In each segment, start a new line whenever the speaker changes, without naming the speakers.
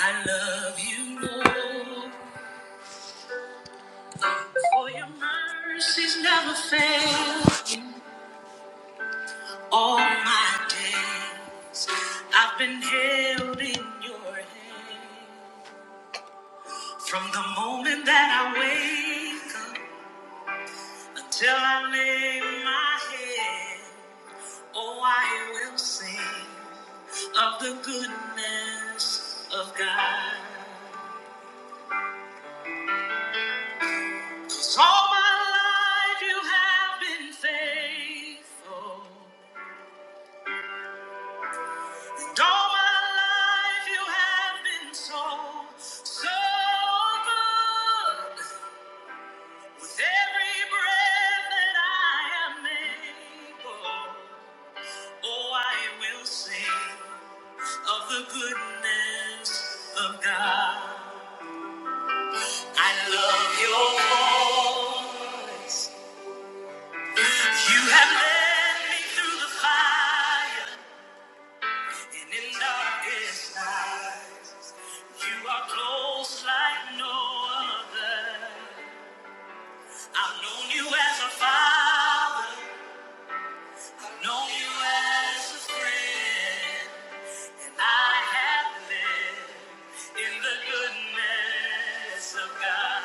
I love you, Lord, for your mercies never fail. All my days I've been held in your hand. From the moment that I wake up until I lay my head, oh, I will sing of the goodness of God. 'Cause all my life you have been faithful. And all my life you have been so, so good. With every breath that I am able, oh, I will sing of the goodness of God. I love your voice. You have led me through the fire and in darkest night. You are close like no other. I've known you as a father, known you as a friend. I have lived in the goodness of God.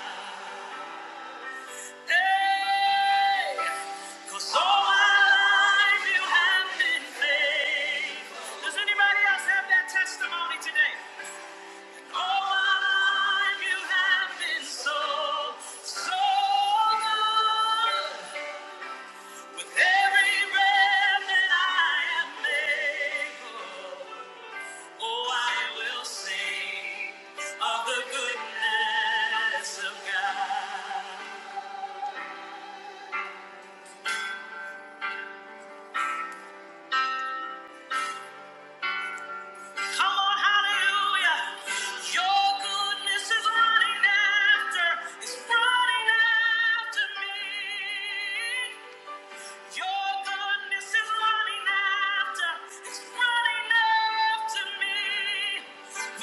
Hey, 'cause all my life you have been faithful. Does anybody else have that testimony today? All my life you have been so, so good. With every breath that I am able, oh, I will sing of the goodness of God. Come on, hallelujah. Your goodness is running after, is running after me. Your goodness is running after, it's running after me.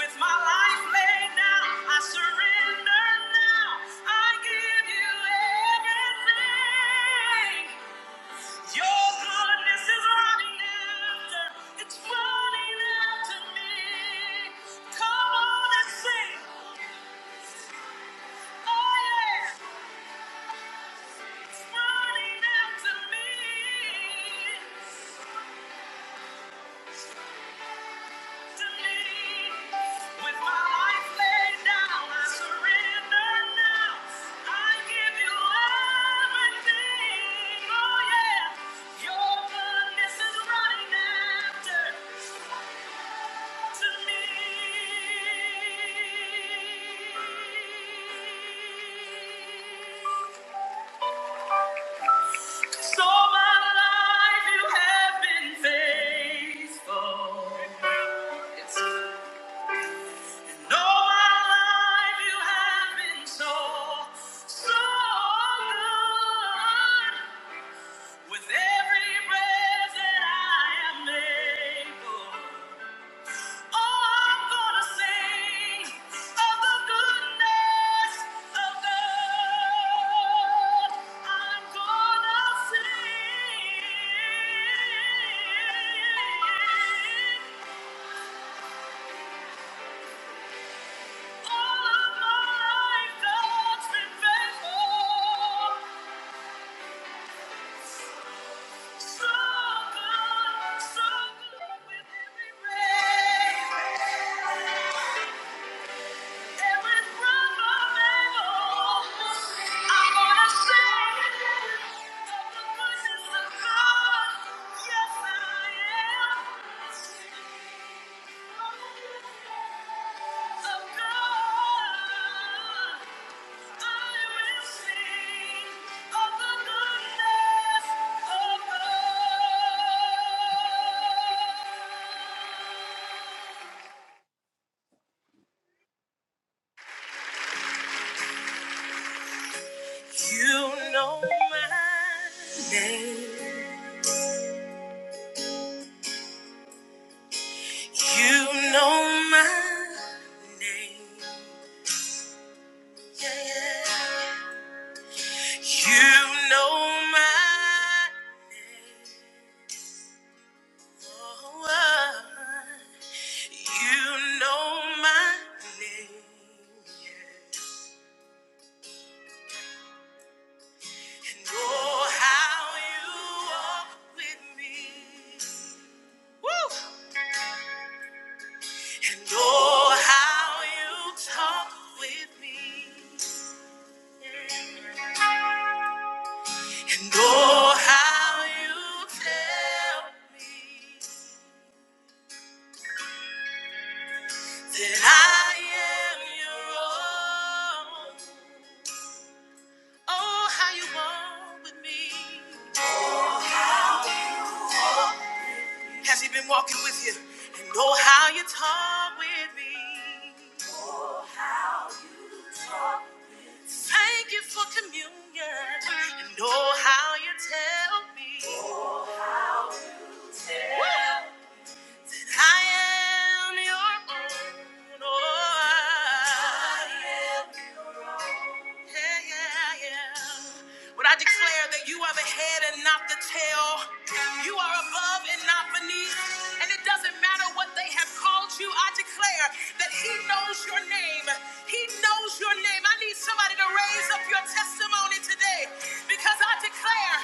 With my life laid down, I surrender now. I give you everything. Your goodness is running after, it's running after me. Come on and sing. Oh yeah, it's running after me. So my life you have been faithful. Yes. No, my life you have been so, so good. With every breath that I am able, oh, I'm gonna sing of the goodness of God. I'm gonna sing. Yes, I am. Of god. You know my name. You know my name. Yeah, yeah. You know my. oh, oh. oh. You know my name. Know how you walk with me. And oh, how you talk with me. And oh, how you tell me that I am your own. Oh, how you walk with me. Has he been walking with you? And oh, how you talk with me. Thank you for communion. And oh, how you tell me. I am your own. You know I am. Yeah, yeah, yeah. When I declare that you are the head and not the tail, you are above and not beneath, and it doesn't matter what they have called you, I declare that He knows your name. He knows your name. I need somebody to raise up your testimony today because I declare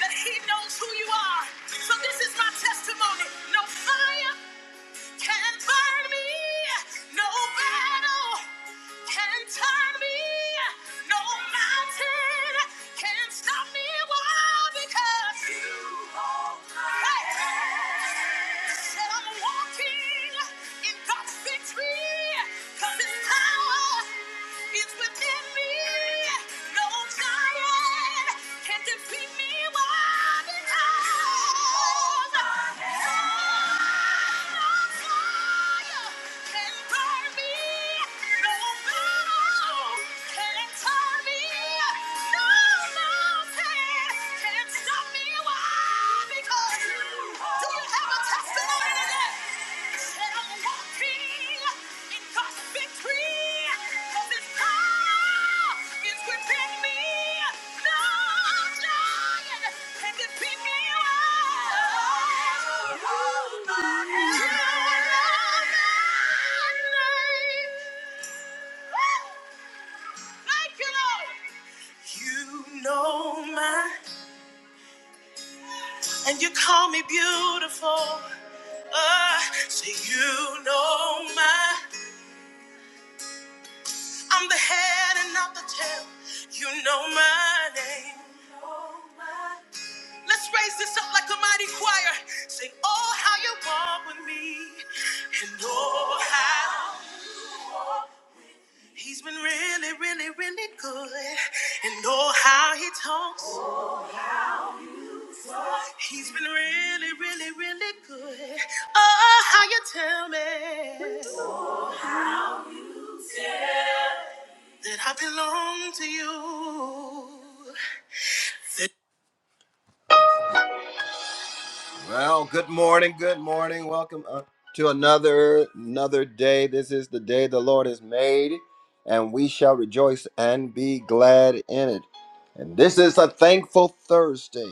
that He knows who you are. So this is my testimony. No fire. Can burn me, no battle can turn me, no mountain can stop me. Why? Because you are. Hey, said I'm walking in God's victory, 'cause His power is within me. No giant can defeat me. Why? Because Do you have a testimony today? Said I'm walking. Because victory has its power is within me. No giant can defeat me. Oh, oh, my Thank you, Lord. You know my, and you call me beautiful. Uh, so you know my. I'm the head and not the tail. You know my name. Let's raise this up like a mighty choir. Sing, oh, how you walk with me. And oh, how he's been really, really, really good. And oh, how he talks. He's been really, really, really good. Oh, how you tell me that I belong to you. Well, good morning, good morning. Welcome uh, to another another day. This is the day the Lord has made, and we shall rejoice and be glad in it. And this is a thankful Thursday,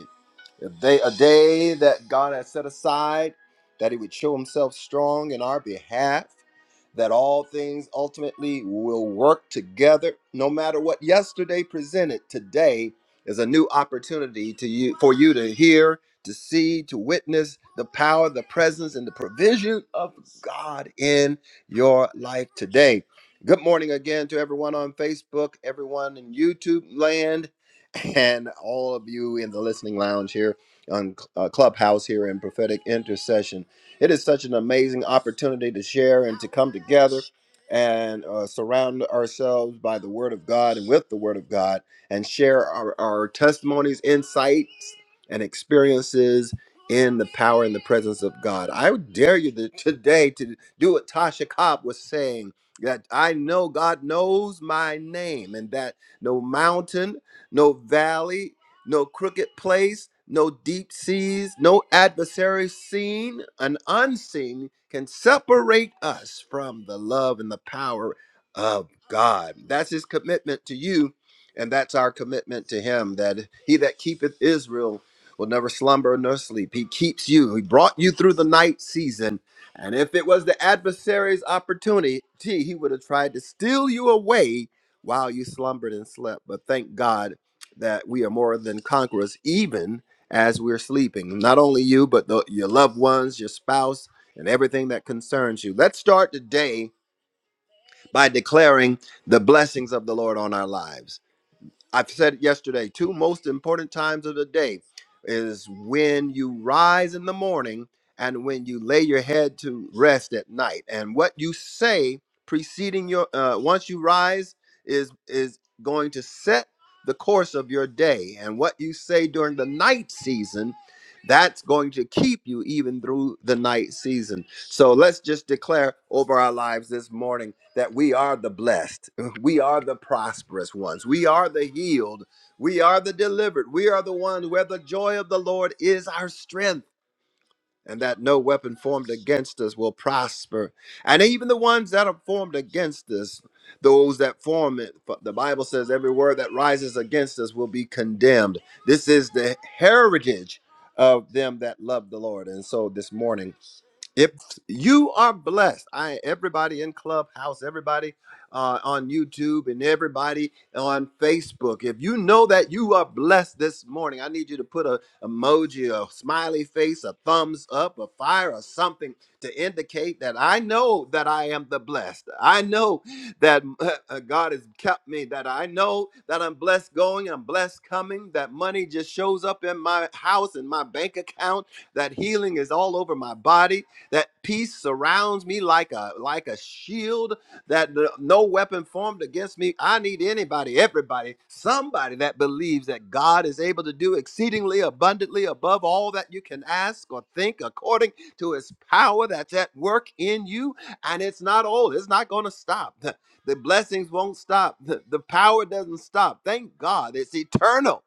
a day, a day that God has set aside, that He would show Himself strong in our behalf, that all things ultimately will work together. No matter what yesterday presented, today is a new opportunity to you for you to hear to see, to witness the power, the presence, and the provision of God in your life today. Good morning again to everyone on Facebook, everyone in YouTube land, and all of you in the listening lounge here on uh, Clubhouse here in Prophetic Intercession. It is such an amazing opportunity to share and to come together and uh, surround ourselves by the Word of God and with the Word of God and share our, our testimonies, insights, and experiences in the power and the presence of God. I would dare you to, today to do what Tasha Cobb was saying that I know God knows my name and that no mountain, no valley, no crooked place, no deep seas, no adversary seen and unseen can separate us from the love and the power of God. That's his commitment to you and that's our commitment to him that he that keepeth Israel will never slumber nor sleep. He keeps you. He brought you through the night season. And if it was the adversary's opportunity, he would have tried to steal you away while you slumbered and slept. But thank God that we are more than conquerors, even as we're sleeping. Not only you, but the, your loved ones, your spouse, and everything that concerns you. Let's start today by declaring the blessings of the Lord on our lives. I've said it yesterday, two most important times of the day is when you rise in the morning and when you lay your head to rest at night. And what you say preceding your uh, once you rise is is going to set the course of your day. And what you say during the night season, that's going to keep you even through the night season. So let's just declare over our lives this morning that we are the blessed. We are the prosperous ones. We are the healed. We are the delivered. We are the ones where the joy of the Lord is our strength, and that no weapon formed against us will prosper. And even the ones that are formed against us, those that form it, for the Bible says every word that rises against us will be condemned. This is the heritage of them that love the Lord. And so this morning, if you are blessed, I everybody in Clubhouse, everybody uh, on YouTube, and everybody on Facebook. If you know that you are blessed this morning, I need you to put a emoji, a smiley face, a thumbs up, a fire, or something to indicate that I know that I am the blessed. I know that uh, God has kept me. That I know that I'm blessed going, I'm blessed coming. That money just shows up in my house, in my bank account. That healing is all over my body that peace surrounds me like a like a shield that n- no weapon formed against me i need anybody everybody somebody that believes that god is able to do exceedingly abundantly above all that you can ask or think according to his power that's at work in you and it's not old it's not going to stop the blessings won't stop the the power doesn't stop thank god it's eternal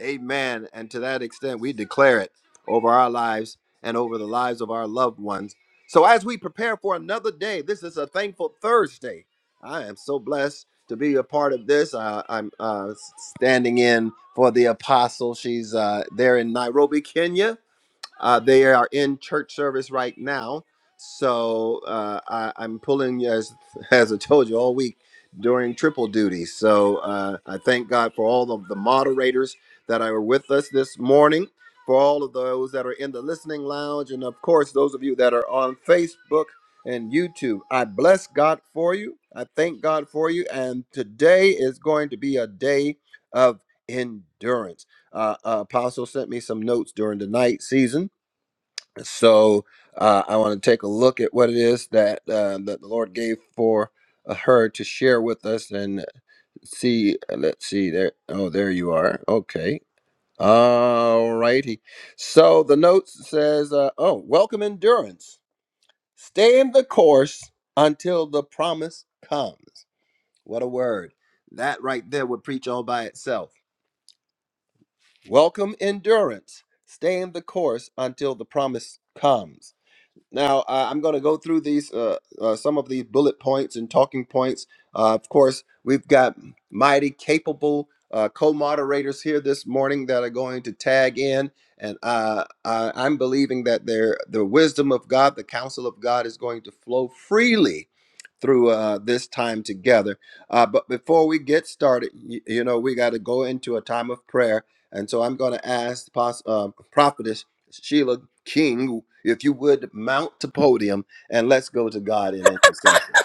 Amen. And to that extent, we declare it over our lives and over the lives of our loved ones. So, as we prepare for another day, this is a thankful Thursday. I am so blessed to be a part of this. Uh, I'm uh, standing in for the apostle. She's uh, there in Nairobi, Kenya uh, they are in church service right now. So uh, I, I'm pulling, as, as I told you, all week during triple duty. So uh, I thank God for all of the moderators that are with us this morning, for all of those that are in the listening lounge, and of course, those of you that are on Facebook and YouTube. I bless God for you. I thank God for you. And today is going to be a day of endurance. Uh, uh, Apostle sent me some notes during the night season so uh, I want to take a look at what it is that uh, that the Lord gave for uh, her to share with us, and see. uh, Let's see there. Oh, there you are. Okay. All righty. So the notes says, uh, "Oh, welcome endurance. Stay in the course until the promise comes." What a word! That right there would preach all by itself. Welcome endurance. Stay in the course until the promise comes. Now, uh, I'm going to go through these uh, uh, some of these bullet points and talking points. Uh, of course, we've got mighty capable uh, co-moderators here this morning that are going to tag in, and uh, I, I'm believing that their the wisdom of God, the counsel of God, is going to flow freely through uh, this time together. Uh, but before we get started, you, you know, we got to go into a time of prayer. And so I'm going to ask Pos- uh, Prophetess Sheila King, if you would mount the podium and let's go to God in intercession.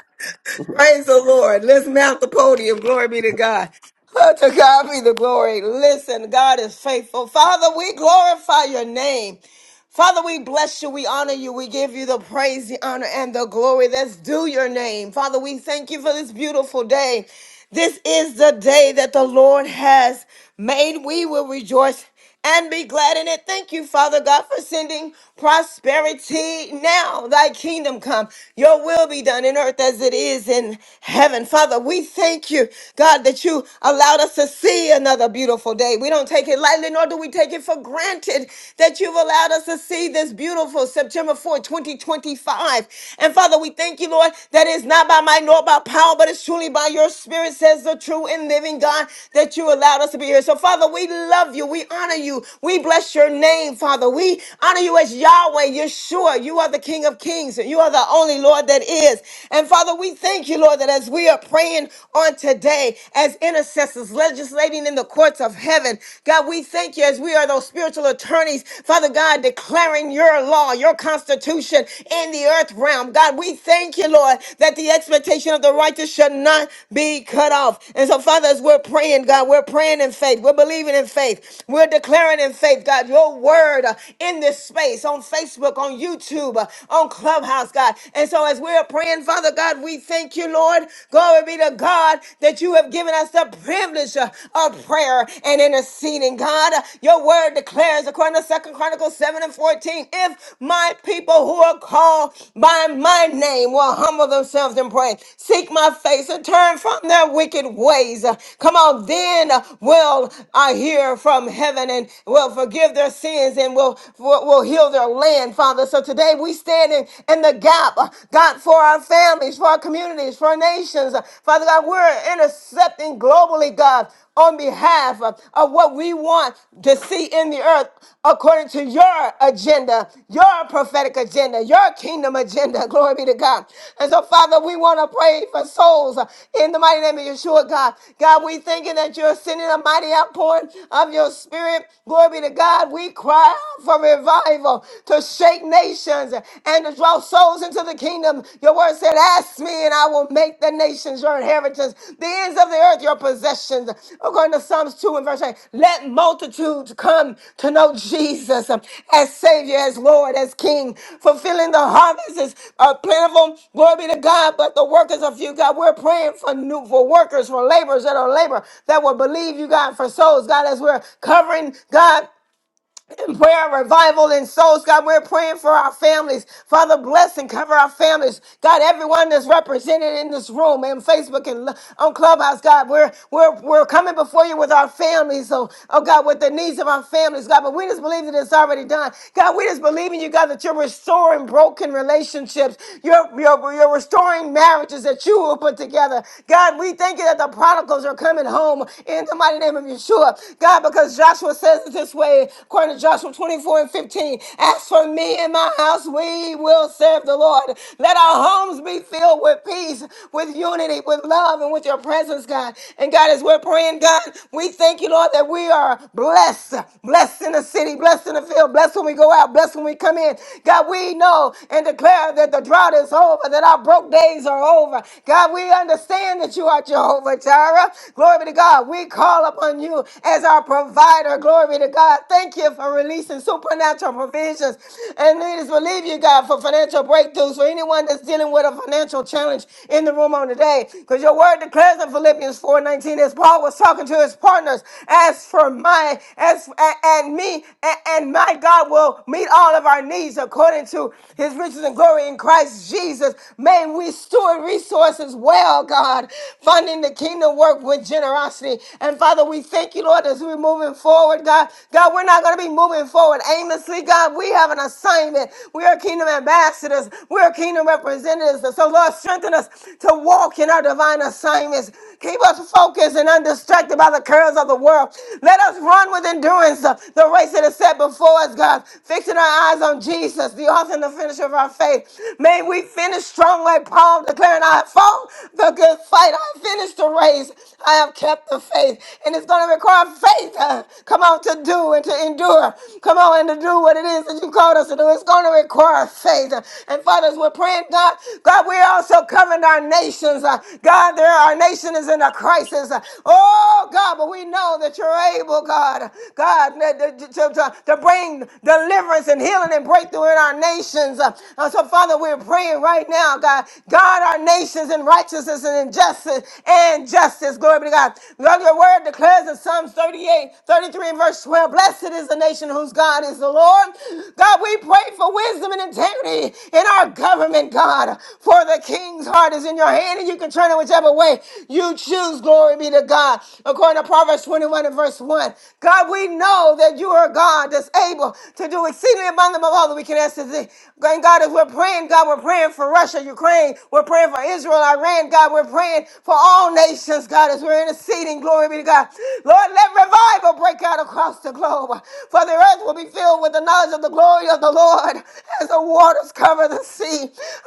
Praise the Lord. Let's mount the podium. Glory be to God. Oh, to God be the glory. Listen, God is faithful. Father, we glorify your name. Father, we bless you. We honor you. We give you the praise, the honor, and the glory. Let's do your name. Father, we thank you for this beautiful day. This is the day that the Lord has made. We will rejoice and be glad in it. Thank you, Father God, for sending prosperity now. Thy kingdom come, your will be done in earth as it is in heaven. Father, we thank you, God, that you allowed us to see another beautiful day. We don't take it lightly, nor do we take it for granted that you've allowed us to see this beautiful September 4, 2025. And Father, we thank you, Lord, that it's not by might nor by power, but it's truly by your spirit spirit says the true and living God that you allowed us to be here. So, Father, we love you. We honor you. We bless your name, Father. We honor you as Yahweh, Yeshua. You are the King of Kings and you are the only Lord that is. And, Father, we thank you, Lord, that as we are praying on today as intercessors, legislating in the courts of heaven, God, we thank you as we are those spiritual attorneys, Father God, declaring your law, your constitution in in the earth realm. God, we thank you, Lord, that the expectation of the righteous should not be cut off. And so, Father, as we're praying, God, we're praying in faith. We're believing in faith. We're declaring in faith, God, your word uh, in this space on Facebook, on YouTube, uh, on Clubhouse, God. And so, as we're praying, Father God, we thank you, Lord. Glory be to God that you have given us the privilege uh, of prayer and interceding, God. Uh, Your word word declares, according to Second Chronicles 7 and 14, if my people who are called by my name will humble themselves and pray, seek my face and turn from their wicked ways, uh, come on, then uh, will I hear from heaven and will forgive their sins and will, will, will heal their land, Father. So today we stand in, in the gap, uh, God, for our families, for our communities, for our nations. Uh, Father God, we're intercepting globally, God, on behalf of, of what we want to see in the earth according to your agenda, your prophetic agenda, your kingdom agenda. Glory be to God. And so, Father, we want to pray for souls uh, in the mighty name of Yeshua, God. God, we thinking that you're sending a mighty outpouring of your spirit. Glory be to God. We cry out for revival to shake nations and to draw souls souls into the kingdom. Your word said, Ask me, and I will make the nations your inheritance, the ends of the earth your possessions. According to Psalms 2 and verse 8, let multitudes come to know Jesus um, as Savior, as Lord, as King. Fulfilling the harvest is uh, plentiful. Glory be to God, but the workers are few. God, we're praying for new for workers, for laborers that are labor that will believe you, God, for souls. God, as we're covering, God in prayer, revival, and souls. God, we're praying for our families. Father, bless and cover our families. God, everyone that's represented in this room and Facebook and on Clubhouse, God, we're we're we're coming before you with our families. So, oh God, with the needs of our families, God. But we just believe that it's already done. God, we just believe in you, God, that you're restoring broken relationships. You're you're, you're restoring marriages that you will put together. God, we thank you that the prodigals are coming home in the mighty name of Yeshua. God, because Joshua says blessed this way, according to Joshua 24 and 15. As for me and my house, we will serve the Lord. Let our homes be filled with peace, with unity, with love, and with your presence, God. And God, as we're praying, God, we thank you, Lord, that we are blessed. Blessed in the city, blessed in the field, blessed when we go out, blessed when we come in. God, we know and declare that the drought is over, that our broke days are over. God, we understand that you are Jehovah Jireh. Glory be to God. We call upon you as as our provider. Glory to God. Thank you for releasing supernatural provisions. And we just believe you, God, for financial breakthroughs for anyone that's dealing with a financial challenge in the room on today. Because your word declares in Philippians 4:19, as Paul was talking to his partners, as for my as a- and me a- and my God will meet all of our needs according to his riches and glory in Christ Jesus. May we steward resources well, God, funding the kingdom work with generosity. And Father, we thank you, Lord, as we're moving forward, God. God, we're not going to be moving forward aimlessly, God. We have an assignment. We are kingdom ambassadors, we are kingdom representatives. So, Lord, strengthen us to walk in our divine assignments. Keep us focused and undistracted by the curves of the world. Let us run with endurance the, the race that is set before us, God. Fixing our eyes on Jesus, the author and the finisher of our faith. May we finish strong like Paul, declaring I fought the good fight. I finished the race. I have kept the faith. And it's going to require faith, uh, come on, to do and to endure. Come on, and to do what it is that you called us to do. It's going to require faith. And fathers, we're praying, God, God, we're also covering our nations. Uh, God, there, our nation is in a crisis. Uh, Oh, God, but we know that you're able, God, God, to, to, to- to bring deliverance and healing and breakthrough in our nations. Uh, So, Father, we're praying right now, God, God, our nations in righteousness and injustice justice and justice. Glory be to God. Lord, your word declares in Psalms 38, 33, and verse 12. Blessed is the nation whose God is the Lord. God, we pray for wisdom and integrity in our government, God. For the king's heart is in your hand, and you can turn it whichever way you choose. Glory be to God. According to Proverbs 21 and verse 1. God, we know that you are a God that's able to do exceedingly abundant above all that we can ask to thee. And God, as we're praying, God, we're praying for Russia, Ukraine, we're praying for Israel, Iran, God. We're praying for all nations, God, as we're interceding. Glory be to God. Lord, let revival break out across the globe. For the earth will be filled with the knowledge of the glory of the Lord as the waters cover the sea.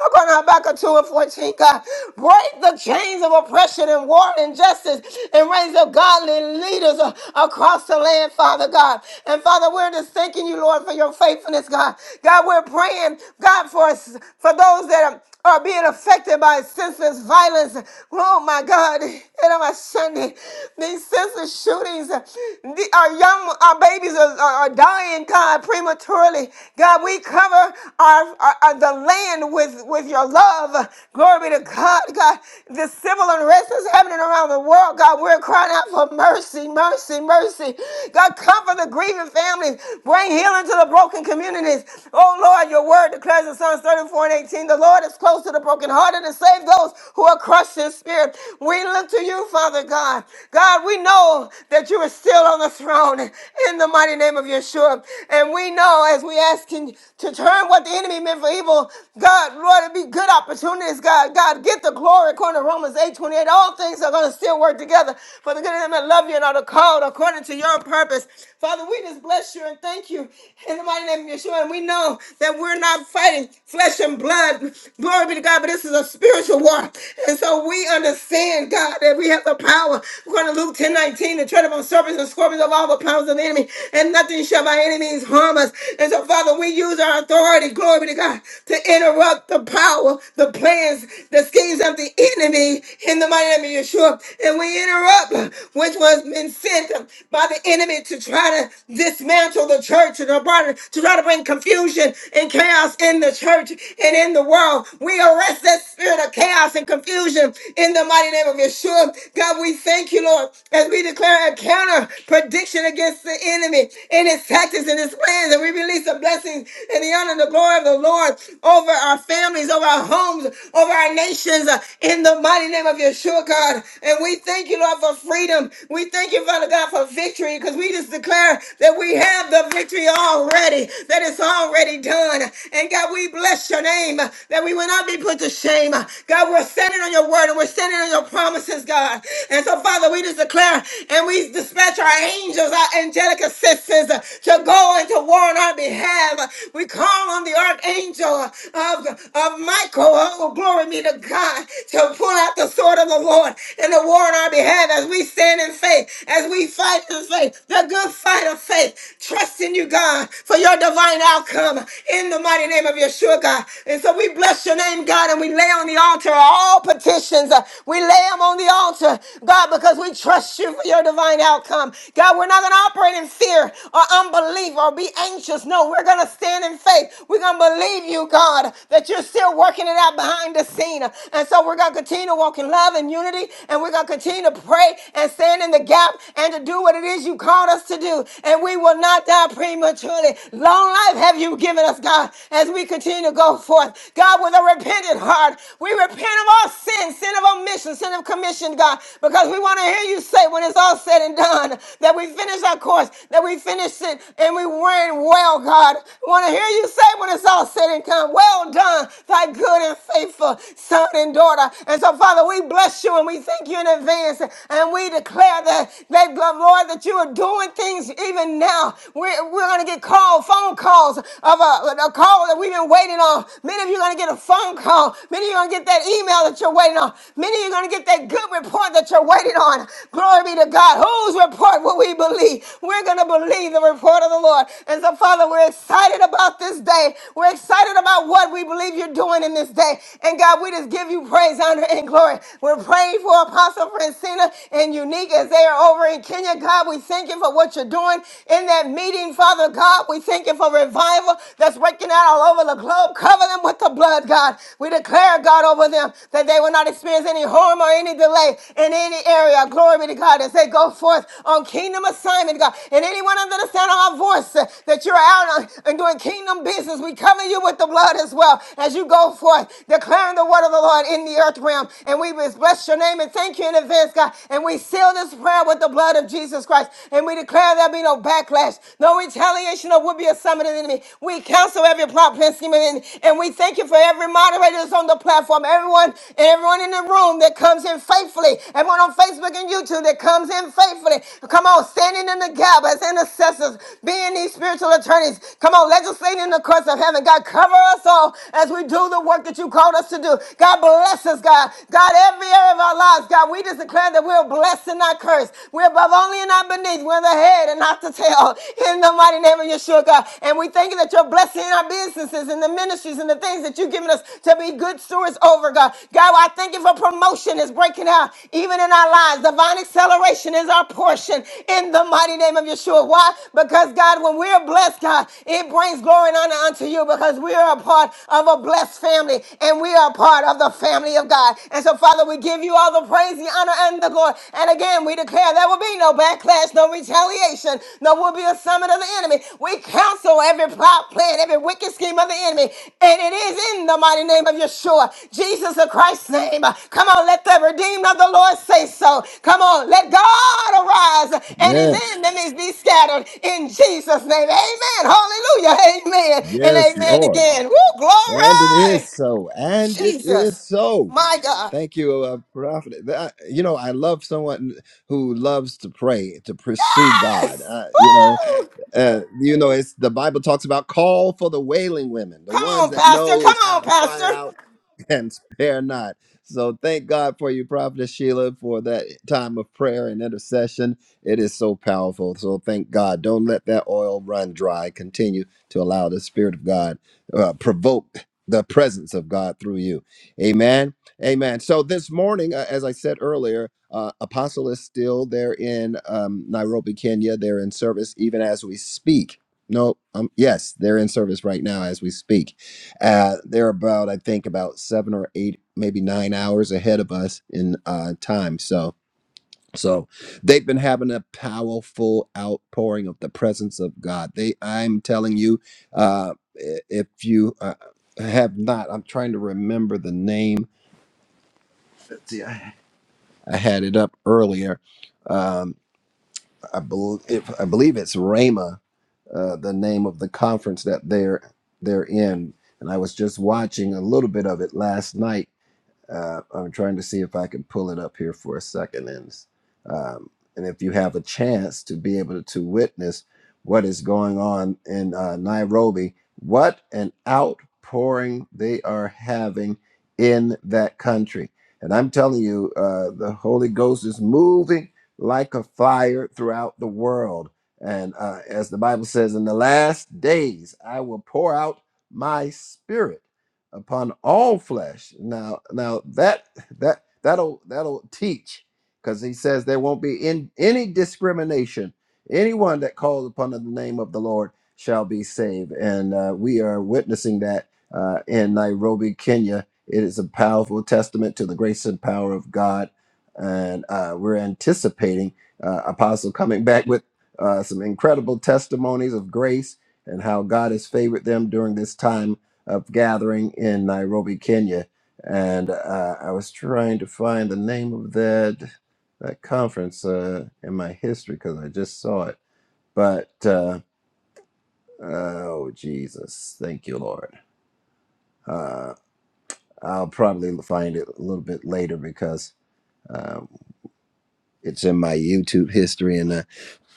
According to Habakkuk 2 and 14, God, break the chains of oppression and war and injustice and raise up godly leaders uh, across the land, Father God. And Father, we're just thanking you, Lord, for your faithfulness, God. God, we're praying, God, for us, for those that are are being affected by senseless violence. Oh my God. And on my Sunday, these senseless shootings, uh, the- our young, our babies are, are, are dying, God, prematurely. God, we cover our, our, our- the land with, with your love. Glory be to God, God. The civil unrest is happening around the world, God. We're crying out for mercy, mercy, mercy. God, comfort the grieving families. Bring healing to the broken communities. Oh Lord, your word declares in Psalms 104 and 18. The Lord is close to the brokenhearted and save those who are crushed in spirit. We look to you, Father God. God, we know that you are still on the throne in the mighty name of Yeshua. And we know as we ask you to turn what the enemy meant for evil, God, Lord, it be good opportunities, God. God, get the glory according to Romans 8 28, All things are going to still work together for the good of them that love you and are the called according to your purpose. Father, we just bless you and thank you in the mighty name of Yeshua. And we know that we we're not fighting flesh and blood. Glory be to God, but this is a spiritual war. And so we understand, God, that we have the power. We're going to Luke 10 19 to tread upon serpents and scorpions of all the powers of the enemy, and nothing shall by any means harm us. And so, Father, we use our authority, glory be to God, to interrupt the power, the plans, the schemes of the enemy in the mighty name of Yeshua. And we interrupt, which was been sent by the enemy to try to dismantle the church and to try to bring to bring confusion and chaos in the church and in the world. We arrest that spirit of chaos and confusion in the mighty name of Yeshua. God, we thank you, Lord, as we declare a counter prediction against the enemy and his tactics and his plans. And we release the blessings and the honor and the glory of the Lord over our families, over our homes, over our nations uh, in the mighty name of Yeshua, God. And we thank you, Lord, for freedom. We thank you, Father God, for victory because we just declare that we have the victory victory already, that it's already done. And God, we bless your name that we will not be put to shame. God, we're standing on your word and we're standing on your promises, God. And so, Father, we just declare and we dispatch our angels, our angelic assistants uh, to go and to war on our behalf. We call on the archangel of, of Michael, oh, glory be to God, to pull out the sword of the Lord and to war on our behalf as we stand in faith, as we fight in faith, the good fight of of faith, trusting you, God, for your divine outcome in the mighty name of Yeshua, God. And so we bless your name, God, and we lay on the altar all petitions. Uh, We lay them on the altar, God, because we trust you for your divine outcome. God, we're not going to operate in fear or unbelief or be anxious. No, we're going to stand in faith. We're going to believe you, God, that you're still working it out behind the scene. And so we're going to continue to walk in love and unity, and we're going to continue to pray and stand in the gap and to do what it is is you called us to do, and we will not die prematurely. Long life have you given us, God, as we continue to go forth. God, with a repentant heart, we repent of all sin, sin of omission, sin of commission, God, because we want to hear you say when it's all said and done that we finish our course, that we finish it, and we ran well, God. We want to hear you say when it's all said and done, well done, thy good and faithful son and daughter. And so, Father, we bless you and we thank you in advance, and we declare that Thank God, Lord, that you are doing things even now. We're, we're going to get called, phone calls of a, a call that we've been waiting on. Many of you are going to get a phone call. Many of you are going to get that email that you're waiting on. Many of you are going to get that good report that you're waiting on. Glory be to God. Whose report will we believe? We're going to believe the report of the Lord. And so, Father, we're excited about this day. We're excited about what we believe you're doing in this day. And God, we just give you praise, honor, and glory. We're praying for Apostle Francina and unique as they are over in Kenya. God, we thank you for what you're doing in that meeting, Father God. We thank you for revival that's breaking out all over the globe. Cover them with the blood, God. We declare, God, over them that they will not experience any harm or any delay in any area. Glory be to God as they go forth on kingdom assignment, God. And anyone under the sound of our voice uh, that you're out on- and doing kingdom business, we cover you with the blood as well as you go forth, declaring the word of the Lord in the earth realm. And we bless your name name and thank you in advance, God. And we seal this prayer with the blood of Jesus Christ. And we declare there'll be no backlash, no retaliation, or would be a summit of the enemy. We cancel every plot, plan, scheme, and enemy. And we thank you for every moderator that's on the platform, everyone and everyone in the room that comes in faithfully, everyone on Facebook and YouTube that comes in faithfully. Come on, standing in the gap as intercessors, being these spiritual attorneys. Come on, legislating in the courts of heaven. God, cover us all as we do the work that you called us to do. God, bless us, God. God, every area of our lives, God, we just declare that we're blessed and not cursed. We're above only and not beneath. We're the head and not the tail. In the mighty name of Yeshua, God. And we thank you that you're blessing our businesses and the ministries and the things that you've given us to be good stewards over, God. God, I thank you for promotion is breaking out even in our lives. Divine acceleration is our portion in the mighty name of Yeshua. Why? Because, God, when we're blessed, God, it brings glory and honor unto you because we are a part of a blessed family and we are a part part of the family of God. And so, Father, we give you all the praise, the honor, and the glory. And again, we declare there will be no backlash, no retaliation, no will be a summit of the enemy. We counsel every plot, plan, every wicked scheme of the enemy. And it is in the mighty name of Yeshua, Jesus the Christ's name. Come on, let the redeemed of the Lord say so. Come on, let God arise and his
Yes,
enemies be scattered in Jesus' name. Amen. Hallelujah. Amen. And
yes,
amen
Lord.
again. Woo,
And it
glory.
is so. And it is
Jesus.
so.
My God.
Thank you, uh, Prophet. That- You know, I love someone who loves to pray, to pursue God.
Yes.
Uh, you know,
Woo!
uh, you know, it's the Bible talks about call for the wailing women, the
Come
ones
on,
that
Pastor. Come
knows how
on,
to cry
Pastor.
out and spare not. So thank God for you, Prophetess Sheila, for that time of prayer and intercession. It is so powerful. So thank God. Don't let that oil run dry. Continue to allow the Spirit of God uh, provoke the presence of God through you. Amen. Amen. So this morning, uh, as I said earlier, uh, Apostle is still there in um, Nairobi, Kenya. They're in service even as we speak. No, um, yes, they're in service right now as we speak. Uh, they're about, I think, about seven or eight, maybe nine hours ahead of us in uh, time. So, so they've been having a powerful outpouring of the presence of God. They, I'm telling you, uh, i- if you uh, have not, I'm trying to remember the name. I had it up earlier. Um, I, bel if, I believe it's Rama, uh, the name of the conference that they're they're in. And I was just watching a little bit of it last night Uh, I'm trying to see if I can pull it up here for a second. And, um, and if you have a chance to be able to witness what is going on in uh, Nairobi, what an outpouring they are having in that country. And I'm telling you, uh, the Holy Ghost is moving like a fire throughout the world. And uh, as the Bible says, in the last days, I will pour out my spirit upon all flesh. Now, now that that that'll that'll teach, because he says there won't be in any discrimination. Anyone that calls upon the name of the Lord shall be saved, and uh, we are witnessing that uh, in Nairobi, Kenya. It is a powerful testament to the grace and power of God, and uh, we're anticipating uh, Apostle coming back with uh, some incredible testimonies of grace and how God has favored them during this time of gathering in Nairobi, Kenya, and uh, I was trying to find the name of that that conference uh, in my history because I just saw it. But uh, oh Jesus, thank you, Lord. Uh, I'll probably find it a little bit later because uh, it's in my YouTube history, and. uh,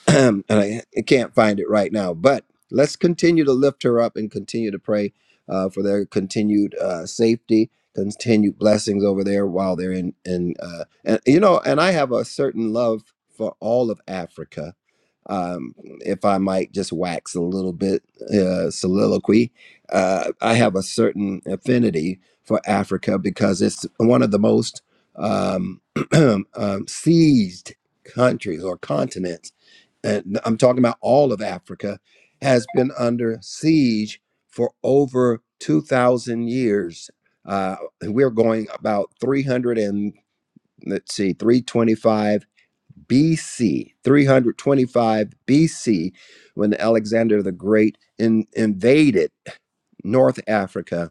and I I can't find it right now. But let's continue to lift her up and continue to pray uh, for their continued uh, safety, continued blessings over there while they're in. in uh, and you know, and I have a certain love for all of Africa. Um, if I might just wax a little bit uh, soliloquy, uh, I have a certain affinity for Africa because it's one of the most um, um, seized countries or continents and I'm talking about all of Africa, has been under siege for over 2,000 years. Uh, we're going about 300 and let's see, 325 BC, 325 BC, when Alexander the Great in, invaded North Africa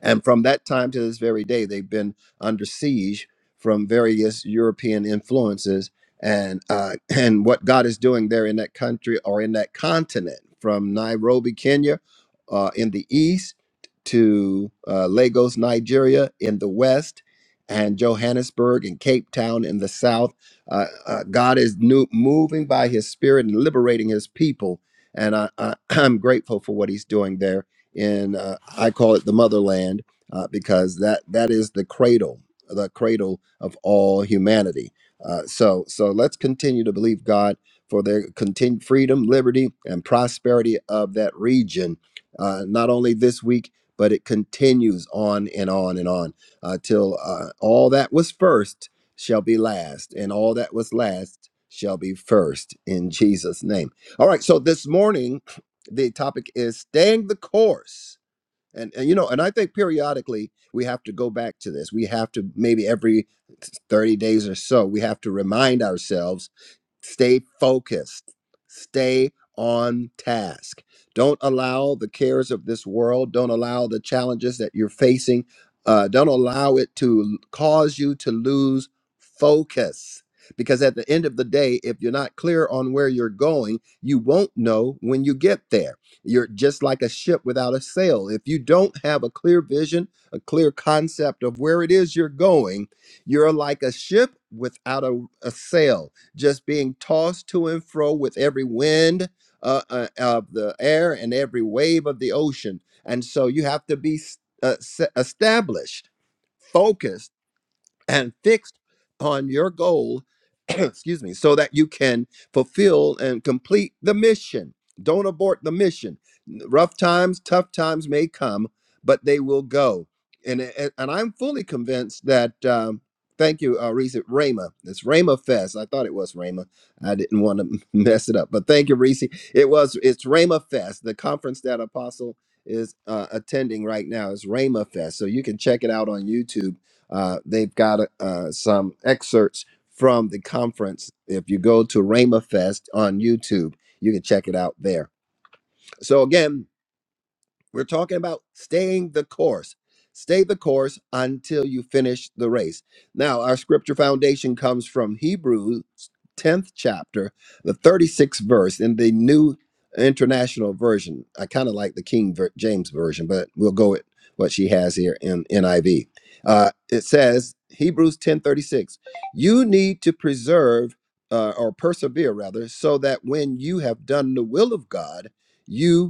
and from that time to this very day, they've been under siege from various European influences and uh, and what God is doing there in that country or in that continent, from Nairobi, Kenya, uh, in the east to uh, Lagos, Nigeria, in the west, and Johannesburg and Cape Town in the south. Uh, uh, God is new, moving by His Spirit and liberating His people, and I, I, I'm grateful for what He's doing there and uh, I call it the motherland uh, because that that is the cradle, the cradle of all humanity. Uh, so so let's continue to believe God for their continued freedom, liberty, and prosperity of that region. Uh, not only this week, but it continues on and on and on uh, till uh, all that was first shall be last, and all that was last shall be first in Jesus' name. All right. So this morning the topic is staying the course and, and you know and i think periodically we have to go back to this we have to maybe every 30 days or so we have to remind ourselves Stay focused. Stay on task. Don't allow the cares of this world, don't allow the challenges that you're facing, uh, don't allow it to cause you to lose focus. Because at the end of the day, if you're not clear on where you're going, you won't know when you get there. You're just like a ship without a sail. If you don't have a clear vision, a clear concept of where it is you're going, you're like a ship without a, a sail just being tossed to and fro with every wind uh, uh, of the air and every wave of the ocean. And so you have to be s- uh, se- established, focused and fixed on your goal, excuse me, so that you can fulfill and complete the mission. Don't abort the mission. N- Rough times, tough times may come, but they will go. And and, and I'm fully convinced that. Um, thank you, uh, Reese Rama. It's Rama Fest. I thought it was Rama. I didn't want to mess it up, but thank you, Reese. It was. It's Rama Fest, the conference that Apostle is uh, attending right now. It's Rama Fest, so you can check it out on YouTube uh, they've got uh, some excerpts from the conference. If you go to Rama Fest on YouTube, you can check it out there. So again, we're talking about staying the course. Stay the course until you finish the race. Now, our scripture foundation comes from Hebrews 10th chapter, the 36th verse in the New International Version. I kind of like the King ver- James Version, but we'll go with what she has here in NIV. Uh, it says, Hebrews 10:36, you need to preserve uh, or persevere rather, so that when you have done the will of God, you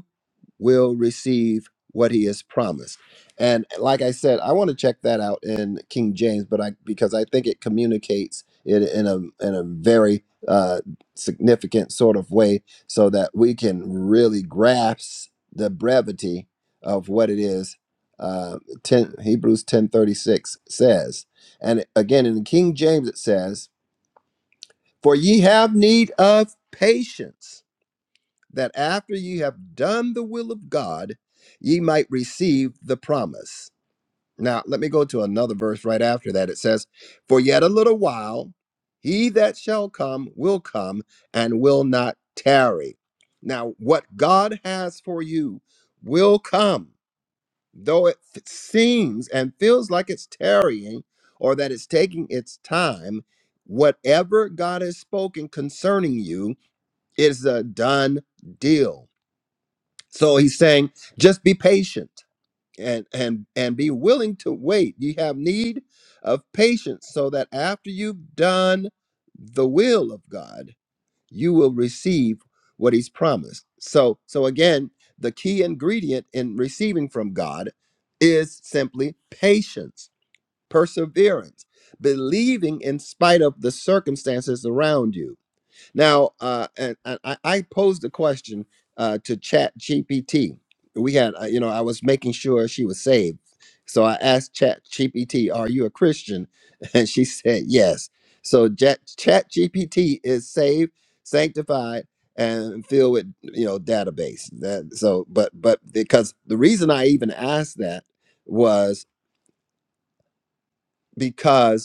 will receive what he has promised. And like I said, I want to check that out in King James, but I because I think it communicates it in a in a very uh, significant sort of way, so that we can really grasp the brevity of what it is. Uh, 10, Hebrews ten thirty six says, and again in the King James it says, "For ye have need of patience." that after ye have done the will of God, ye might receive the promise. Now, let me go to another verse right after that. It says, For yet a little while, he that shall come will come and will not tarry. Now, what God has for you will come, though it f- seems and feels like it's tarrying or that it's taking its time. Whatever God has spoken concerning you is a done deal so he's saying, just be patient and and and be willing to wait. You have need of patience so that after you've done the will of God, you will receive what he's promised. So so again, the key ingredient in receiving from God is simply patience, perseverance, believing in spite of the circumstances around you now, uh, and, and I, I posed a question uh, to Chat GPT. We had, uh, you know, I was making sure she was saved. So I asked Chat GPT, Are you a Christian? And she said, Yes. So Chat, GPT is saved, sanctified, and filled with, you know, database. That, so, but, but because the reason I even asked that was because.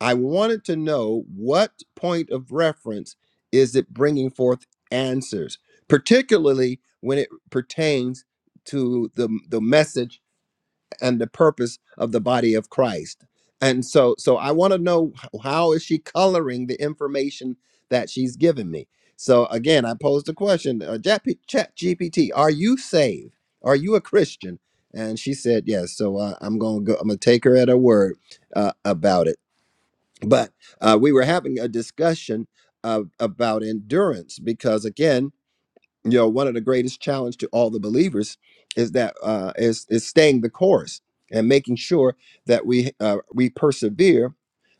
I wanted to know what point of reference is it bringing forth answers, particularly when it pertains to the, the message and the purpose of the body of Christ. And so, so I want to know h- how is she coloring the information that she's given me. So again, I posed the question, uh, Chat GPT, are you saved? Are you a Christian? And she said yes. So uh, I'm gonna go. I'm gonna take her at her word uh, about it but uh, we were having a discussion of, about endurance because again you know one of the greatest challenge to all the believers is that uh, is is staying the course and making sure that we uh, we persevere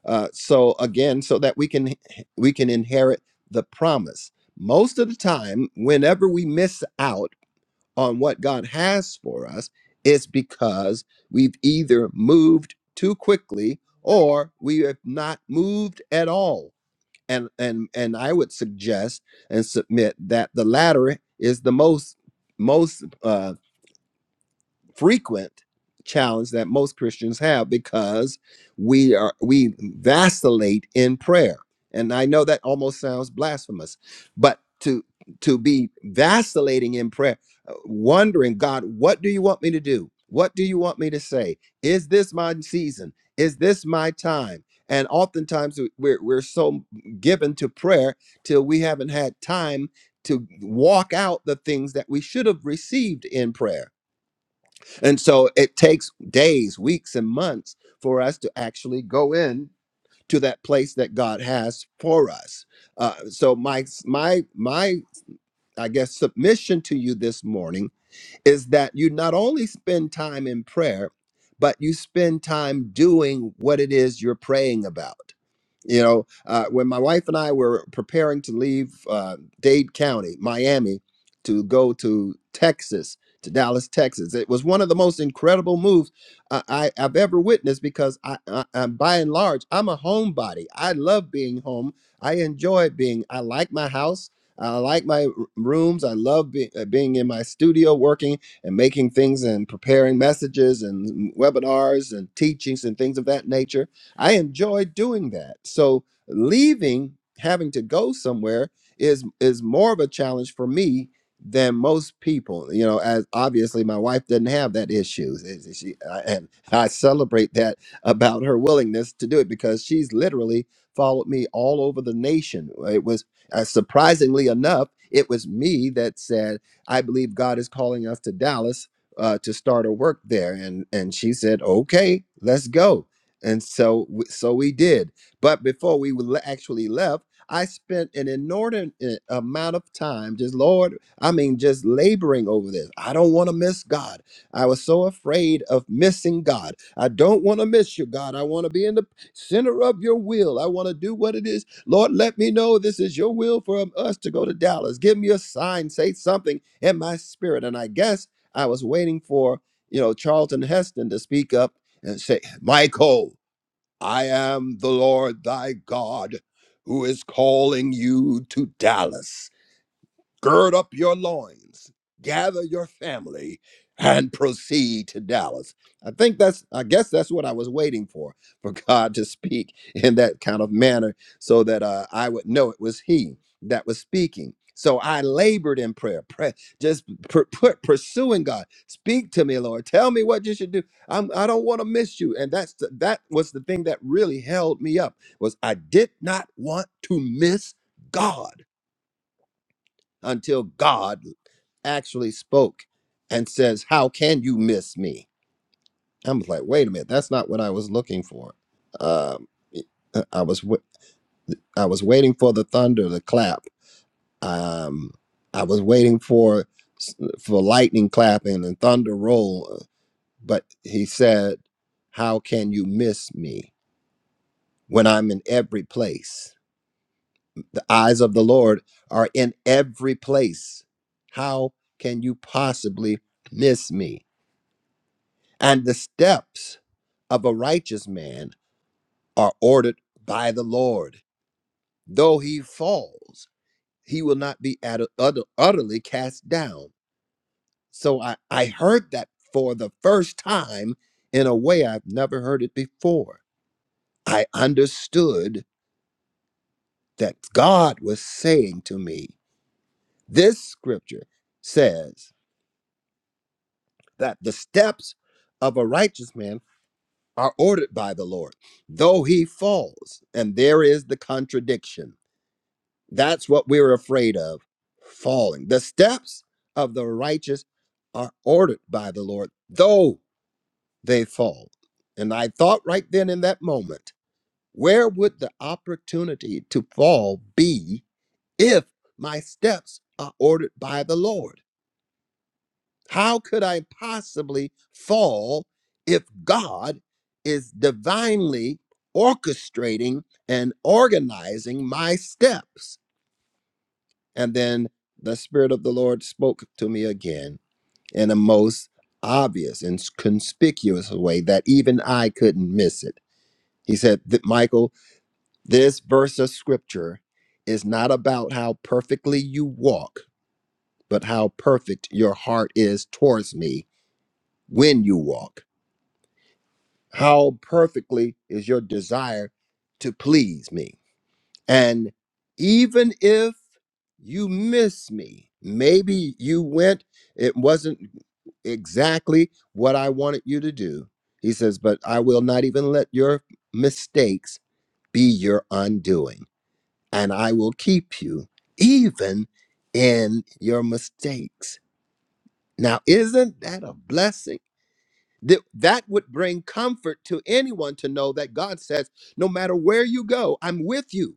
uh, so again so that we can we can inherit the promise most of the time whenever we miss out on what God has for us, it's because we've either moved too quickly or we have not moved at all. And and and I would suggest and submit that the latter is the most most uh, frequent challenge that most Christians have because we are we vacillate in prayer. And I know that almost sounds blasphemous, but to to be vacillating in prayer, uh, wondering, God, what do you want me to do? What do you want me to say? Is this my season? Is this my time? And oftentimes we- we're, we're so given to prayer till we haven't had time to walk out the things that we should have received in prayer and so it takes days, weeks, and months for us to actually go in to that place that God has for us. Uh, so my my my I guess submission to you this morning is that you not only spend time in prayer, but you spend time doing what it is you're praying about. You know, uh, when my wife and I were preparing to leave uh, Dade County, Miami, to go to Texas, to Dallas, Texas, it was one of the most incredible moves uh, I, I've ever witnessed because I, I, i by and large, I'm a homebody. I love being home. I enjoy being, I like my house. I like my r- rooms. I love be, uh, being in my studio working and making things and preparing messages and mm, webinars and teachings and things of that nature I enjoy doing that. So leaving, having to go somewhere is is more of a challenge for me than most people. You know, as obviously my wife doesn't have that issue. Is- is She, I- and I celebrate that about her willingness to do it because she's literally followed me all over the nation. It was uh, surprisingly enough, it was me that said, "I believe God is calling us to Dallas." Uh, to start a work there, and and she said, "Okay, let's go." and so w- so we did but before we le- actually left i spent an inordinate eh, amount of time just lord i mean just laboring over this i don't want to miss god i was so afraid of missing god i don't want to miss you god i want to be in the center of your will i want to do what it is lord let me know this is your will for um, us to go to dallas give me a sign say something in my spirit and i guess i was waiting for you know charlton heston to speak up and say, Michael, I am the Lord thy God who is calling you to Dallas. Gird up your loins, gather your family, and proceed to Dallas. I think that's, I guess that's what I was waiting for, for God to speak in that kind of manner so that uh, I would know it was He that was speaking. So I labored in prayer, pray, just per, per- pursuing God. Speak to me, Lord. Tell me what you should do. I'm, I don't want to miss you. And that's the, that was the thing that really held me up was I did not want to miss God until God actually spoke and says, How can you miss me? I'm like, wait a minute, that's not what I was looking for. Um, it- uh, I was w- I was waiting for the thunder to clap. Um, I was waiting for s- for lightning clapping and thunder roll, uh, but he said, "How can you miss me when I'm in every place?" eyes of the Lord are in every place. How can you possibly miss me? And the steps of a righteous man are ordered by the Lord. Though he falls, he will not be at- utter- utterly cast down. So I, I heard that for the first time in a way I've never heard it before. I understood that God was saying to me, This scripture says, that the steps of a righteous man are ordered by the Lord, though he falls. And there is the contradiction. That's what we're afraid of falling. The steps of the righteous are ordered by the Lord, though they fall. And I thought right then in that moment, where would the opportunity to fall be if my steps are ordered by the Lord? How could I possibly fall if God is divinely orchestrating and organizing my steps? And then the Spirit of the Lord spoke to me again in a most obvious and conspicuous way that even I couldn't miss it. He said that Michael, this verse of scripture is not about how perfectly you walk, but how perfect your heart is towards me when you walk. How perfectly is your desire to please me? And even if you miss me, maybe you went, it wasn't exactly what I wanted you to do. He says, But I will not even let your mistakes be your undoing, and I will keep you even in your mistakes. Now, isn't that a blessing? That, that would bring comfort to anyone to know that God says, no matter where you go, I'm with you.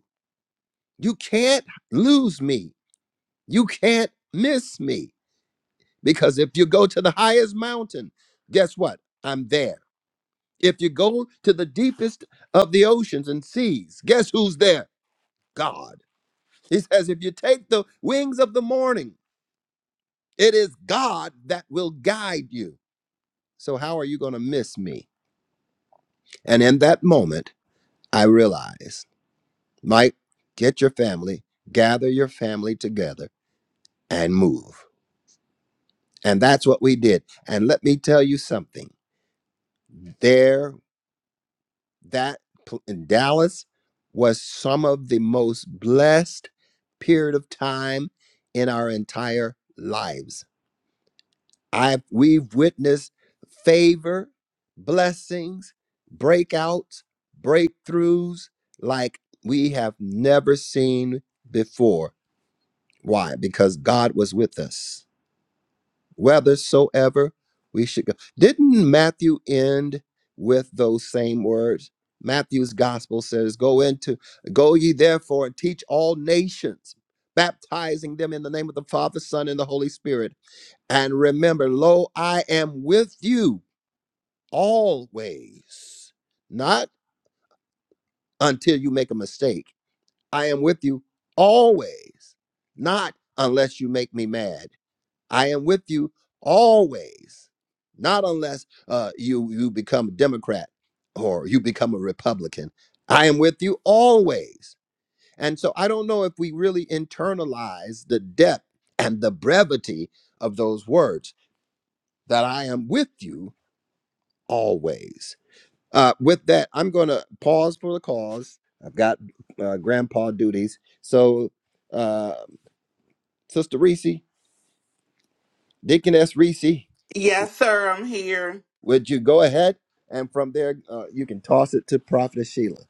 You can't lose me. You can't miss me. Because if you go to the highest mountain, guess what? I'm there. If you go to the deepest of the oceans and seas, guess who's there? God. He says, if you take the wings of the morning, it is God that will guide you. So, how are you going to miss me? And in that moment, I realized. Mike, get your family, gather your family together and move. And that's what we did. And let me tell you something. There that pl- in Dallas was some of the most blessed period of time in our entire lives. I have we've witnessed favor, blessings, breakouts, breakthroughs like we have never seen before Why? Because God was with us, whithersoever we should go. Didn't Matthew end with those same words? Matthew's gospel says, Go into, go ye therefore and teach all nations, baptizing them in the name of the Father, Son, and the Holy Spirit. And remember, lo, I am with you always, not until you make a mistake. I am with you always, not unless you make me mad. I am with you always, not unless uh, you you become a Democrat or you become a Republican. I am with you always. And so I don't know if we really internalize the depth and the brevity of those words that I am with you always. Uh, with that, I'm going to pause for the cause. I've got uh, grandpa duties. So, uh, Sister Reese, Deaconess Reese,
Yes, sir, I'm here.
Would you go ahead? And from there, uh, you can toss it to Prophet Sheila.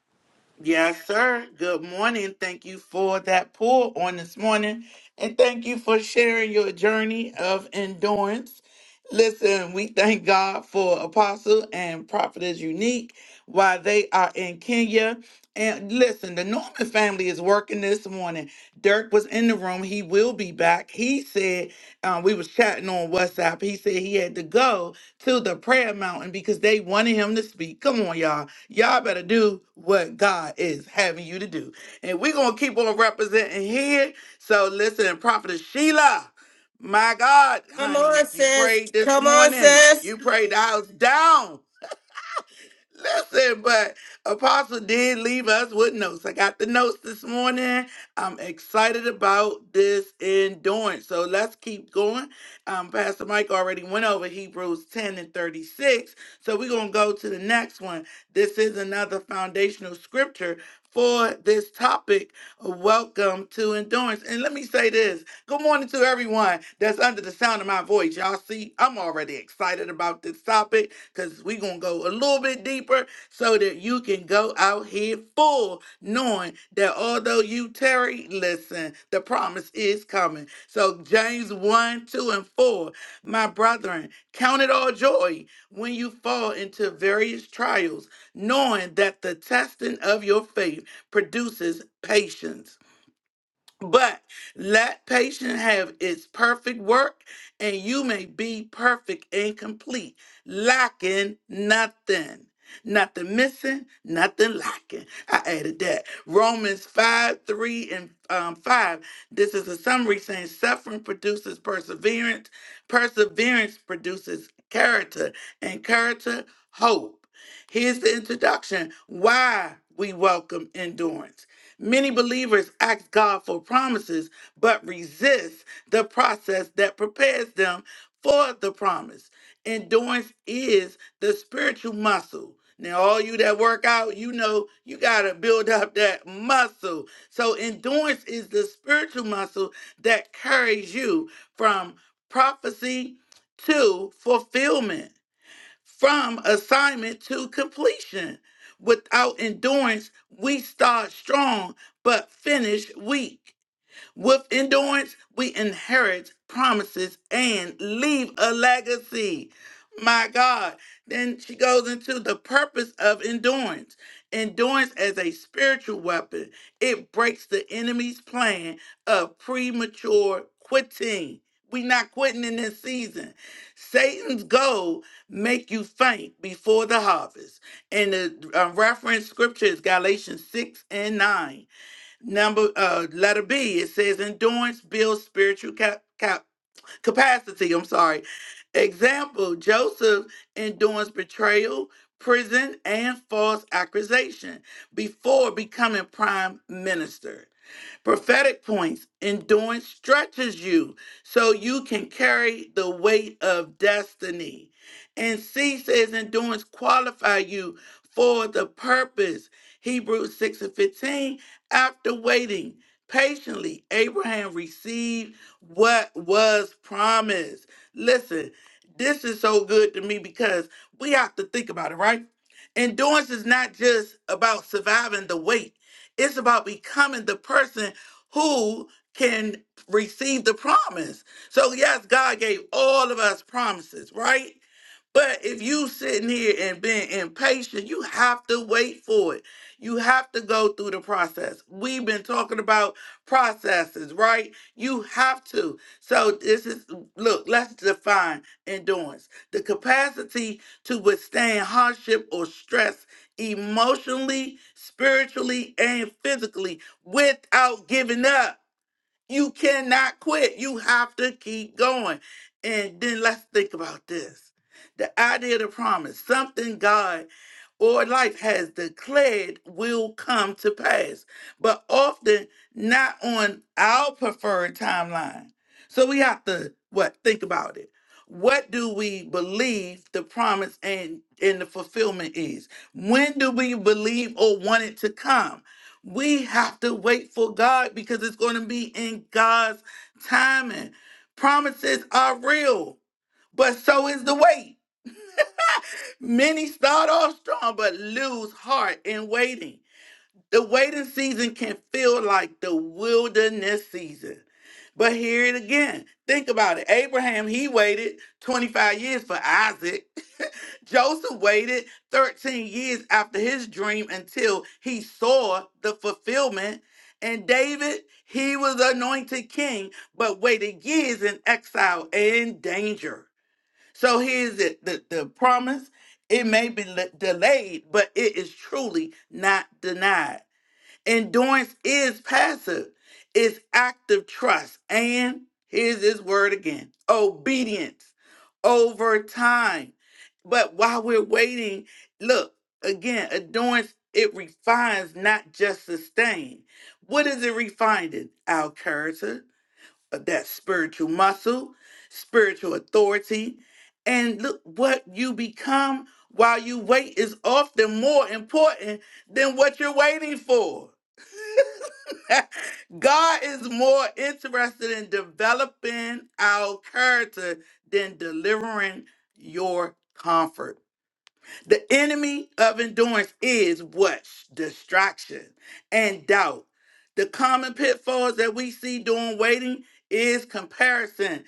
Yes, sir. Good morning. Thank you for that pour on this morning. And thank you for sharing your journey of endurance. Listen, we thank God for Apostle and Prophet is Unique while they are in Kenya. And listen, the Norman family is working this morning. Dirk was in the room. He will be back. He said, um, we was chatting on WhatsApp. He said he had to go to the prayer mountain because they wanted him to speak. Come on, y'all Y'all better do what God is having you to do. And we're going to keep on representing here. So listen, and Prophetess Sheila, my God,
Come
honey,
on,
you
sis.
prayed this
Come on,
morning.
sis.
You prayed the house down. Listen, but Apostle did leave us with notes. I got the notes this morning. I'm excited about this endurance. So let's keep going. Um, Pastor Mike already went over Hebrews 10 and 36. So we're going to go to the next one. This is another foundational scripture for this topic. Welcome to endurance. And let me say this good morning to everyone that's under the sound of my voice. Y'all see, I'm already excited about this topic because we're going to go a little bit deeper so that you can go out here full, knowing that although you tarry, listen, the promise is coming. So, James 1, 2, and 4, my brethren, count it all joy when you fall into various trials, knowing that the testing of your faith produces patience but let patience have its perfect work, and you may be perfect and complete, lacking nothing. Nothing missing, nothing lacking. I added that. Romans 5 3 and um, 5. This is a summary saying suffering produces perseverance, perseverance produces character, and character, hope. Here's the introduction why we welcome endurance. Many believers ask God for promises, but resist the process that prepares them for the promise. Endurance is the spiritual muscle. Now, all you that work out, you know you got to build up that muscle. So, endurance is the spiritual muscle that carries you from prophecy to fulfillment from assignment to completion. Without endurance, we start strong but finish weak. With endurance, we inherit promises and leave a legacy. My God. Then she goes into the purpose of endurance. Endurance as a spiritual weapon, it breaks the enemy's plan of premature quitting. We not quitting in this season. Satan's goal make you faint before the harvest. And the uh, reference scripture is Galatians 6 and 9 number uh letter b it says endurance builds spiritual cap, cap capacity i'm sorry example joseph endures betrayal prison and false accusation before becoming prime minister Prophetic points, endurance stretches you so you can carry the weight of destiny. And C says endurance qualify you for the purpose. Hebrews 6 and 15, after waiting patiently, Abraham received what was promised. Listen, this is so good to me because we have to think about it, right? Endurance is not just about surviving the wait. It's about becoming the person who can receive the promise. So yes, God gave all of us promises, right? But if you sitting here and being impatient, you have to wait for it. You have to go through the process. We've been talking about processes, right? You have to. So this is look, let's define endurance. The capacity to withstand hardship or stress emotionally, spiritually, and physically without giving up. You cannot quit. You have to keep going. And then let's think about this. The idea of the promise, something God or life has declared will come to pass, but often not on our preferred timeline. So we have to what think about it. What do we believe the promise and, and the fulfillment is? When do we believe or want it to come? We have to wait for God because it's going to be in God's timing. Promises are real, but so is the wait. Many start off strong but lose heart in waiting. The waiting season can feel like the wilderness season. But here it again. Think about it. Abraham, he waited 25 years for Isaac. Joseph waited 13 years after his dream until he saw the fulfillment. And David, he was anointed king, but waited years in exile and danger. So here's it the, the promise. It may be le- delayed, but it is truly not denied. Endurance is passive, it's active trust. And here's this word again obedience over time. But while we're waiting, look again, endurance it refines, not just sustain. What is it refining? Our character, uh, that spiritual muscle, spiritual authority. And look, what you become while you wait is often more important than what you're waiting for. God is more interested in developing our character than delivering your comfort. The enemy of endurance is what? Distraction and doubt. The common pitfalls that we see during waiting is comparison.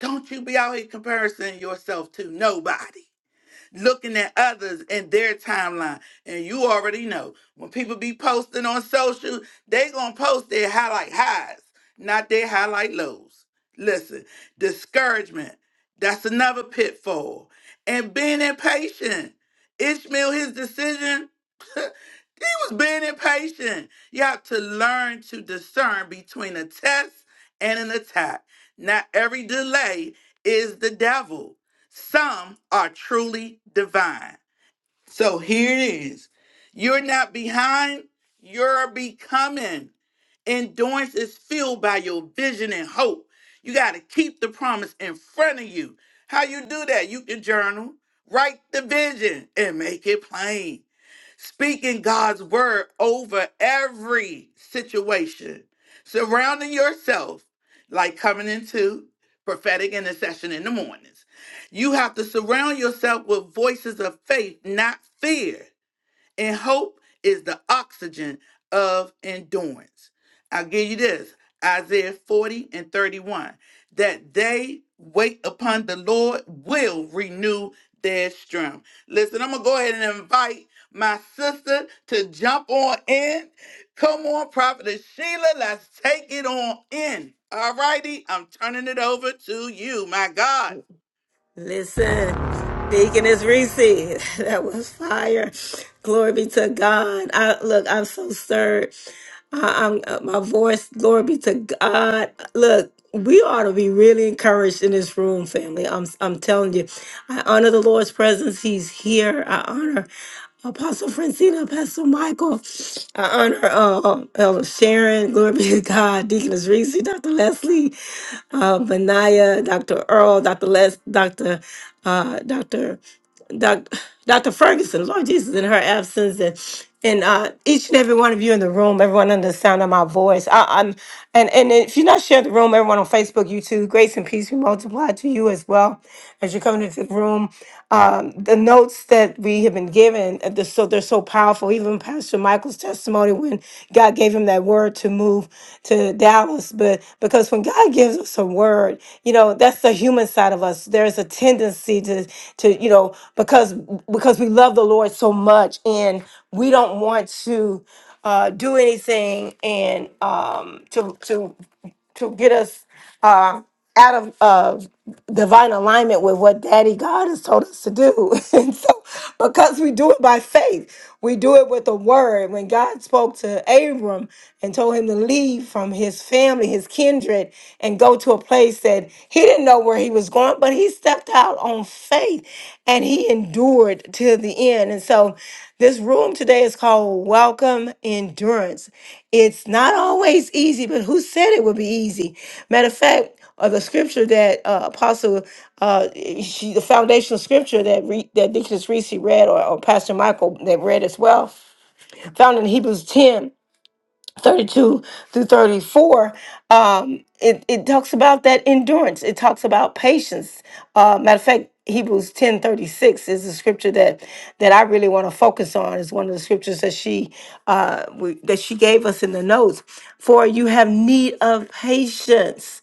Don't you be out here comparing yourself to nobody looking at others and their timeline. And you already know when people be posting on social, they gonna post their highlight highs, not their highlight lows. Listen, discouragement, that's another pitfall. And being impatient. Ishmael, his decision was being impatient. You have to learn to discern between a test and an attack. Not every delay is the devil. Some are truly divine. So here it is. You're not behind, you're becoming. Endurance is fueled by your vision and hope. You got to keep the promise in front of you. How you do that? You can journal, write the vision, and make it plain speaking God's word over every situation, surrounding yourself, like coming into prophetic intercession in the mornings. You have to surround yourself with voices of faith, not fear. And hope is the oxygen of endurance. I'll give you this Isaiah 40 and 31 that they wait upon the Lord will renew their strength. Listen, I'm going to go ahead and invite my sister to jump on in. Come on, Prophetess Sheila, let's take it on in. All righty, I'm turning it over to you, my God.
Listen, Deaconess Reese, that was fire. Glory be to God. I look, I'm so stirred. I, I'm uh, my voice. Glory be to God. Look, we ought to be really encouraged in this room, family. I'm I'm telling you, I honor the Lord's presence. He's here. I honor Apostle Francina, Pastor Michael. I honor uh, Elder Sharon. Glory be to God. Deaconess Reese, Dr. Leslie uh, Benaya, Dr. Earl, Dr. Les, Dr. Uh, Dr. Doc, Dr. Ferguson, Lord Jesus, in her absence, and and uh, each and every one of you in the room, everyone under the sound of my voice. I, I'm and and if you're not sharing the room, everyone on Facebook, YouTube, grace and peace be multiplied to you as well as you are coming into the room. Um, the notes that we have been given, uh, they're so they're so powerful. Even Pastor Michael. Michael's testimony when God gave him that word to move to Dallas. But because when God gives us a word, you know, that's the human side of us. There's a tendency to to, you know, because because we love the Lord so much and we don't want to uh do anything and um to to to get us uh out of uh divine alignment with what Daddy God has told us to do. And so, because we do it by faith, we do it with the word. When God spoke to Abram and told him to leave from his family, his kindred, and go to a place that he didn't know where he was going, but he stepped out on faith and he endured to the end. And so, this room today is called Welcome Endurance. It's not always easy, but who said it would be easy? Matter of fact, or the scripture that uh, Apostle, uh, she, the foundational scripture that re, that Deaconess Reese read, or, or Pastor Michael that read as well, found in Hebrews 10 32 through 34, um, it, it talks about that endurance. It talks about patience. Uh, matter of fact, Hebrews 10 36 is the scripture that that I really want to focus on. Is one of the scriptures that she uh, we, that she gave us in the notes. For you have need of patience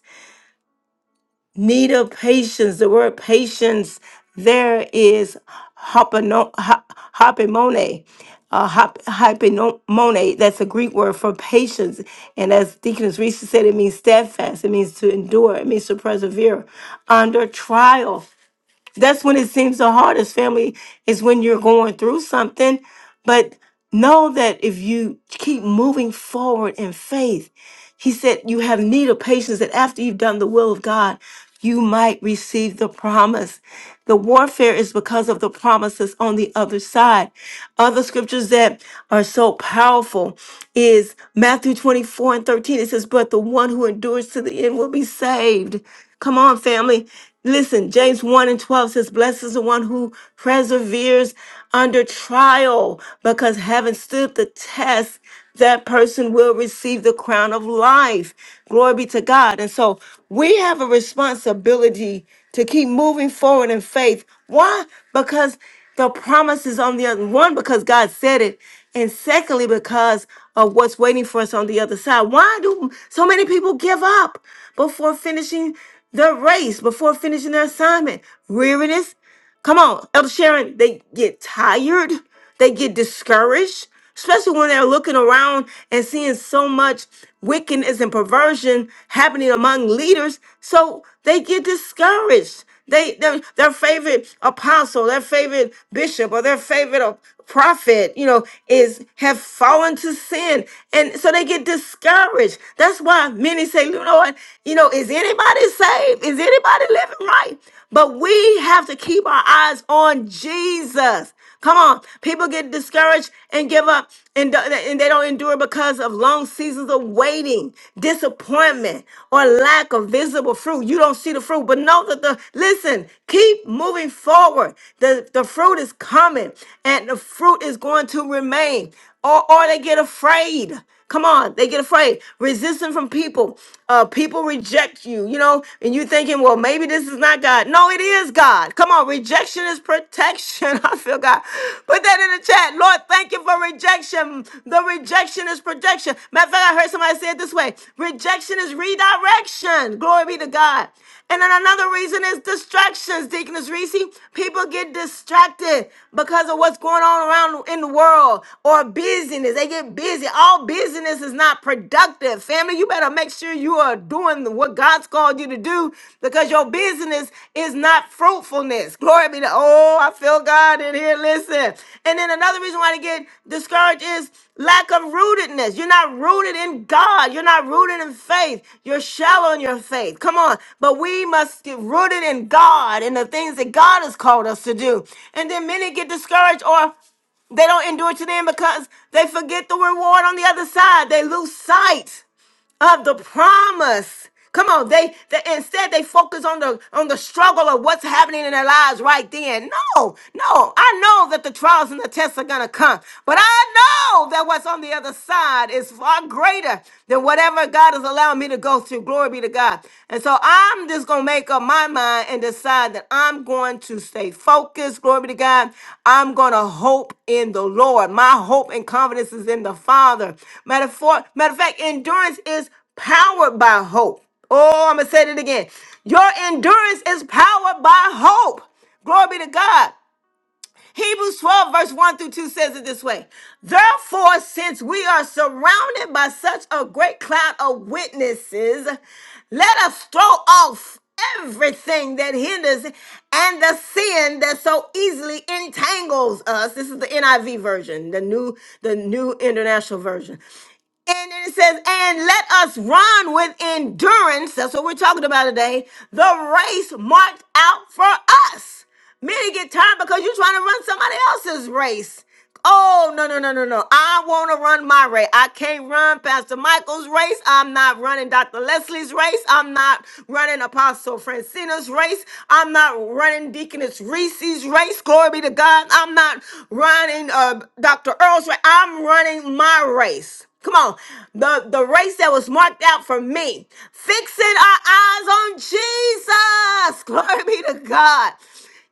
need of patience. The word patience there is hypomone, hypomone, uh, hop- hypomone. That's a Greek word for patience. And as Deaconess Reese said, it means steadfast. It means to endure. It means to persevere under trial. That's when it seems the hardest, family, is when you're going through something. But know that if you keep moving forward in faith, he said you have need of patience that after you've done the will of God, you might receive the promise. The warfare is because of the promises on the other side. Other scriptures that are so powerful is Matthew 24 and 13. It says, But the one who endures to the end will be saved. Come on, family. Listen, James 1 and 12 says, Blessed is the one who perseveres under trial, because having stood the test, that person will receive the crown of life. Glory be to God. And so we have a responsibility to keep moving forward in faith. Why? Because the promise is on the other one because God said it, and secondly because of what's waiting for us on the other side. Why do so many people give up before finishing their race, before finishing their assignment? Weariness. Come on, Elder Sharon. They get tired. They get discouraged especially when they're looking around and seeing so much wickedness and perversion happening among leaders. So they get discouraged. They their, their favorite apostle, their favorite bishop, or their favorite uh, prophet, you know, is have fallen to sin, and so they get discouraged. That's why many say, you know what, you know, is anybody saved? Is anybody living right? But we have to keep our eyes on Jesus. Come on. People get discouraged and give up and, do- and they don't endure because of long seasons of waiting, disappointment, or lack of visible fruit. You don't see the fruit, but know that the, listen, keep moving forward. The, the fruit is coming and the fruit is going to remain. Or, or they get afraid. Come on, they get afraid. Resistance from people. Uh, people reject you, you know, and you thinking, well, maybe this is not God. No, it is God. Come on, rejection is protection. I feel God. Put that in the chat. Lord, thank you for rejection. The rejection is protection. Matter of fact, I heard somebody say it this way rejection is redirection. Glory be to God. And then another reason is distractions, Deaconess Reese. People get distracted because of what's going on around in the world or busyness. They get busy. All business is not productive. Family, you better make sure you are doing what God's called you to do because your business is not fruitfulness. Glory be to Oh, I feel God in here. Listen. And then another reason why they get discouraged is Lack of rootedness. You're not rooted in God. You're not rooted in faith. You're shallow in your faith. Come on. But we must get rooted in God and the things that God has called us to do. And then many get discouraged or they don't endure to the end because they forget the reward on the other side. They lose sight of the promise. Come on, they, they instead they focus on the on the struggle of what's happening in their lives right then. No, no, I know that the trials and the tests are gonna come, but I know that what's on the other side is far greater than whatever God has allowed me to go through. Glory be to God. And so I'm just gonna make make up my mind and decide that I'm going to stay focused. Glory be to God. I'm going to hope in the Lord. My hope and confidence is in the Father. Matter for, matter of fact, endurance is powered by hope. Oh, I'm going to say it again. Your endurance is powered by hope. Glory be to God. Hebrews 12, verse 1 through 2 says it this way Therefore, since we are surrounded by such a great cloud of witnesses, let us throw off everything that hinders and the sin that so easily entangles us. This is the NIV version, the new the new international version. And then it says, and let us run with endurance. That's what we're talking about today. The race marked out for us. Many get tired because you're trying to run somebody else's race. Oh, no, no, no, no, no. I want to run my race. I can't run Pastor Michael's race. I'm not running Dr. Leslie's race. I'm not running Apostle Francina's race. I'm not running Deaconess Reese's race. Glory be to God. I'm not running uh, Dr. Earl's race. I'm running my race. Come on, the, the race that was marked out for me. Fixing our eyes on Jesus. Glory be to God.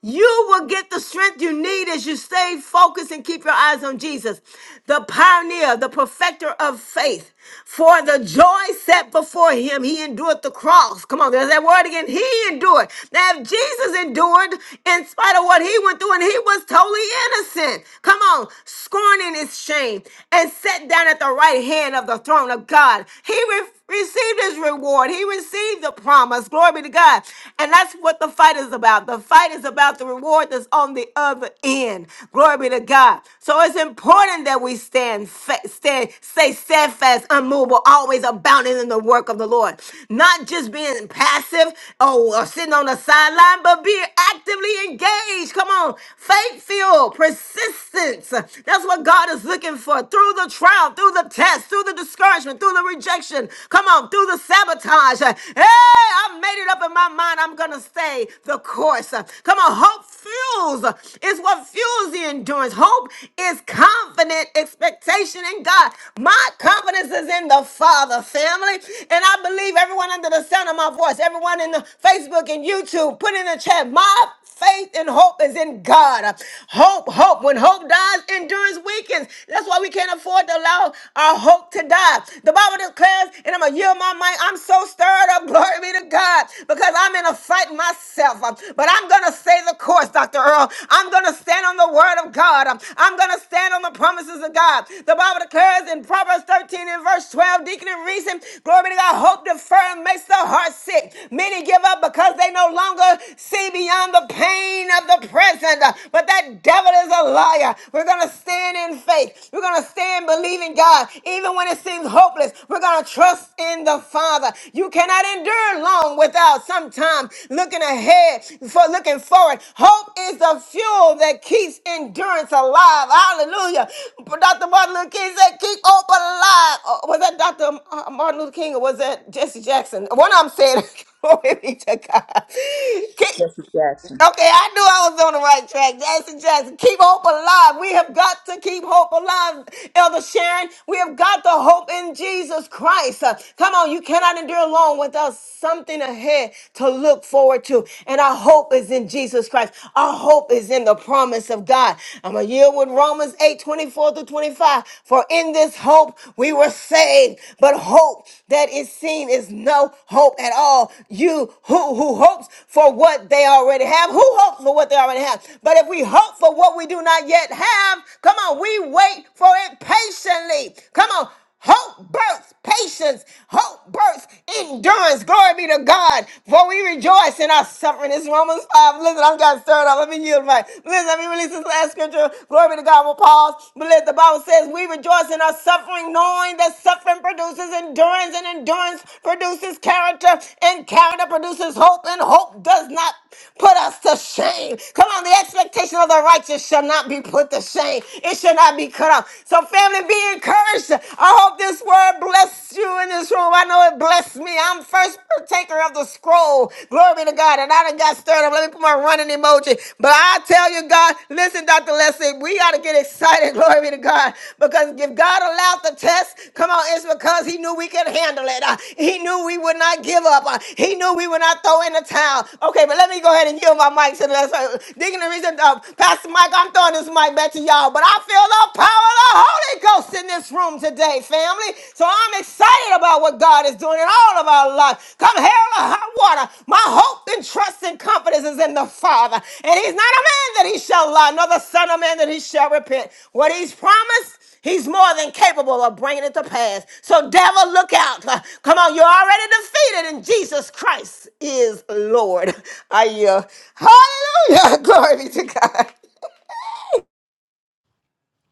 You will get the strength you need as you stay focused and keep your eyes on Jesus, the pioneer, the perfecter of faith. For the joy set before him, he endured the cross. Come on, there's that word again. He endured. Now, if Jesus endured in spite of what he went through, and he was totally innocent, come on, scorning his shame, reign and sat down at the right hand of the throne of God. He re- received his reward. He received the promise. Glory be to God. And that's what the fight is about. The fight is about the reward that's on the other end. Glory be to God. So it's important that we stand, fa- stand, stay steadfast, unmovable, always abounding in the work of the Lord. Not just being passive or, or sitting on the sideline, but be actively engaged. Come on, faith filled, persistence. That's what God is looking for through the trial, through the test, through the discouragement, through the rejection. Come on, through the sabotage. Hey, I made it up in my mind. I'm going to stay the course. Come on, hope fuels It's what fuels the endurance. Hope is confident expectation in God. My confidence is in the Father family. And I believe everyone under the sound of my voice, everyone in the Facebook and YouTube, put in the chat, my faith and hope is in God. Hope, hope. When hope dies, endurance weakens. That's why we can't afford to allow our hope to die. The Bible declares, and I'm going to yield my mind, I'm so stirred up, glory be to God, because I'm in a fight myself. Um, But I'm going to stay the course, Dr. Earl. I'm going to stand on the word of God. Um, I'm going to stand on the promises of God. The Bible declares in Proverbs 13 and verse 12, Deacon and Reason, glory be to God, hope deferred makes the heart sick. Many give up because they no longer see beyond down the pain of the present. But that devil is a liar. We're going to stand in faith. We're going to stand believing God. Even when it seems hopeless, we're going to trust in the Father. You cannot endure long without sometime looking ahead, for looking forward. Hope is the fuel that keeps endurance alive. Hallelujah. But Dr. Martin Luther King said, keep hope alive. Oh, Was that Dr. uh, Martin Luther King or was that Jesse Jackson? One of them said, glory be to God.
Jesse Jackson.
Okay, I knew I was on the right track. Jackson Jackson, keep hope alive. We have got to keep hope alive, Elder Sharon. We have got the hope in Jesus Christ. Uh, come on, you cannot endure long without something ahead to look forward to. And our hope is in Jesus Christ. Our hope is in the promise of God. I'm going to yield with Romans eight twenty-four 24 through 25. For in this hope we were saved, but hope that is seen is no hope at all. You who who hopes for what they already have, who hopes for what they already have. But if we hope for what we do not yet have, come on, we wait for it patiently. Come on. Hope births patience. Hope births endurance. Glory be to God. For we rejoice in our suffering. It's Romans 5. Listen, I'm got stirred up. Let me yield my. Listen, let me release this last scripture. Glory be to God. God will pause. But let the Bible says we rejoice in our suffering, knowing that suffering produces endurance, and endurance produces character, and character produces hope, and hope does not put us to shame. Come on, the expectation of the righteous shall not be put to shame. It shall not be cut off. So, family, be encouraged. I hope this word blessed you in this room. I know it blessed me. I'm first partaker of the scroll. Glory Glory to God. And I done got stirred up. Let me put my running emoji. But I tell you, God, listen, Dr. Leslie, we got to get excited. Glory to God. Because if God allowed the test, come on, it's because He knew we could handle it. Uh, He knew we would not give up. Uh, He knew we would not throw in the towel. Okay, but let me go ahead and yield my mic to the lesson. Digging the reason, uh, Pastor Mike, I'm throwing this mic back to y'all. But I feel the power of the Holy Ghost in this room today, family. So I'm excited about what God is doing in all of our lives. Come hell or high water, my hope and trust and confidence is in the Father. And He's not a man that He shall lie, nor the Son of Man that He shall repent. What He's promised, He's more than capable of bringing it to pass. So, devil, look out. Uh, Come on, you're already defeated, and Jesus Christ is Lord. I uh, Hallelujah. Glory be to God.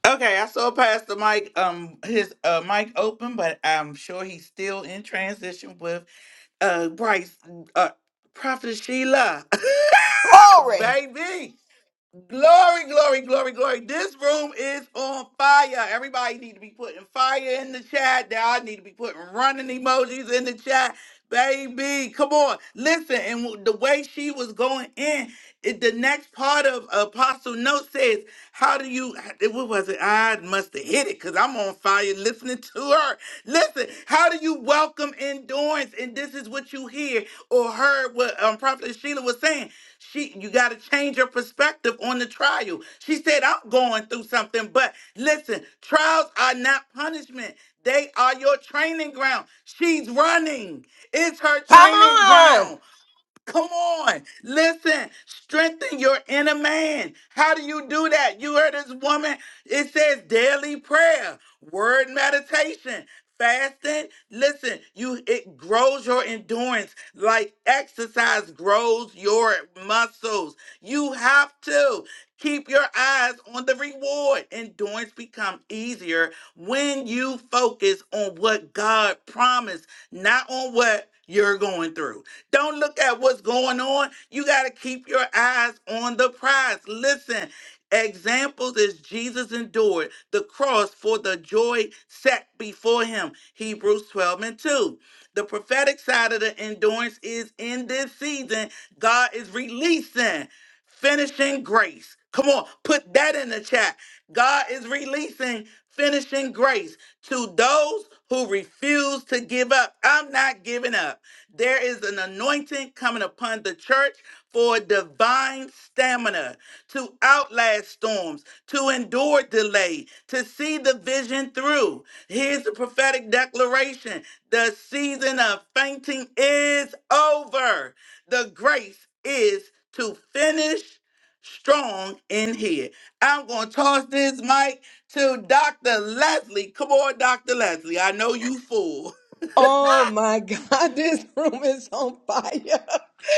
Okay, I saw Pastor Mike um his uh mic open, but I'm sure he's still in transition with uh Bryce uh Prophet Sheila.
Glory.
Baby. Glory, glory, glory, glory. This room is on fire. Everybody need to be putting fire in the chat. Y'all need to be putting running emojis in the chat. Baby, come on. Listen, and w- the way she was going in, it, the next part of Apostle Note says, how do you, it- what was it? I must have hit it because I'm on fire listening to her. Listen, how do you welcome endurance? And this is what you hear or heard what um, Prophet Sheila was saying. She you got to change your perspective on the trial. She said, I'm going through something, but listen, trials are not punishment. They are your training ground. She's running. It's her
Come
training ground.
on.
Come on, listen, strengthen your inner man. How do you do that? You heard this woman, it says daily prayer, word meditation, fasting. Listen, you it grows your endurance like exercise grows your muscles. You have to keep your eyes on the reward. Endurance become easier when you focus on what God promised not on what you're going through. Don't look at what's going on. You got to keep your eyes on the prize. Listen, examples is Jesus endured the cross for the joy set before him. Hebrews 12 and 2. The prophetic side of the endurance is in this season, God is releasing. Finishing grace. Come on, put that in the chat. God is releasing finishing grace to those who refuse to give up. I'm not giving up. There is an anointing coming upon the church for divine stamina to outlast storms, to endure delay, to see the vision through. Here's the prophetic declaration the season of fainting is over, the grace is to finish strong in here. I'm going to toss this mic to Dr. Leslie. Come on, Dr. Leslie. I know you full.
Oh my God, this room is on fire.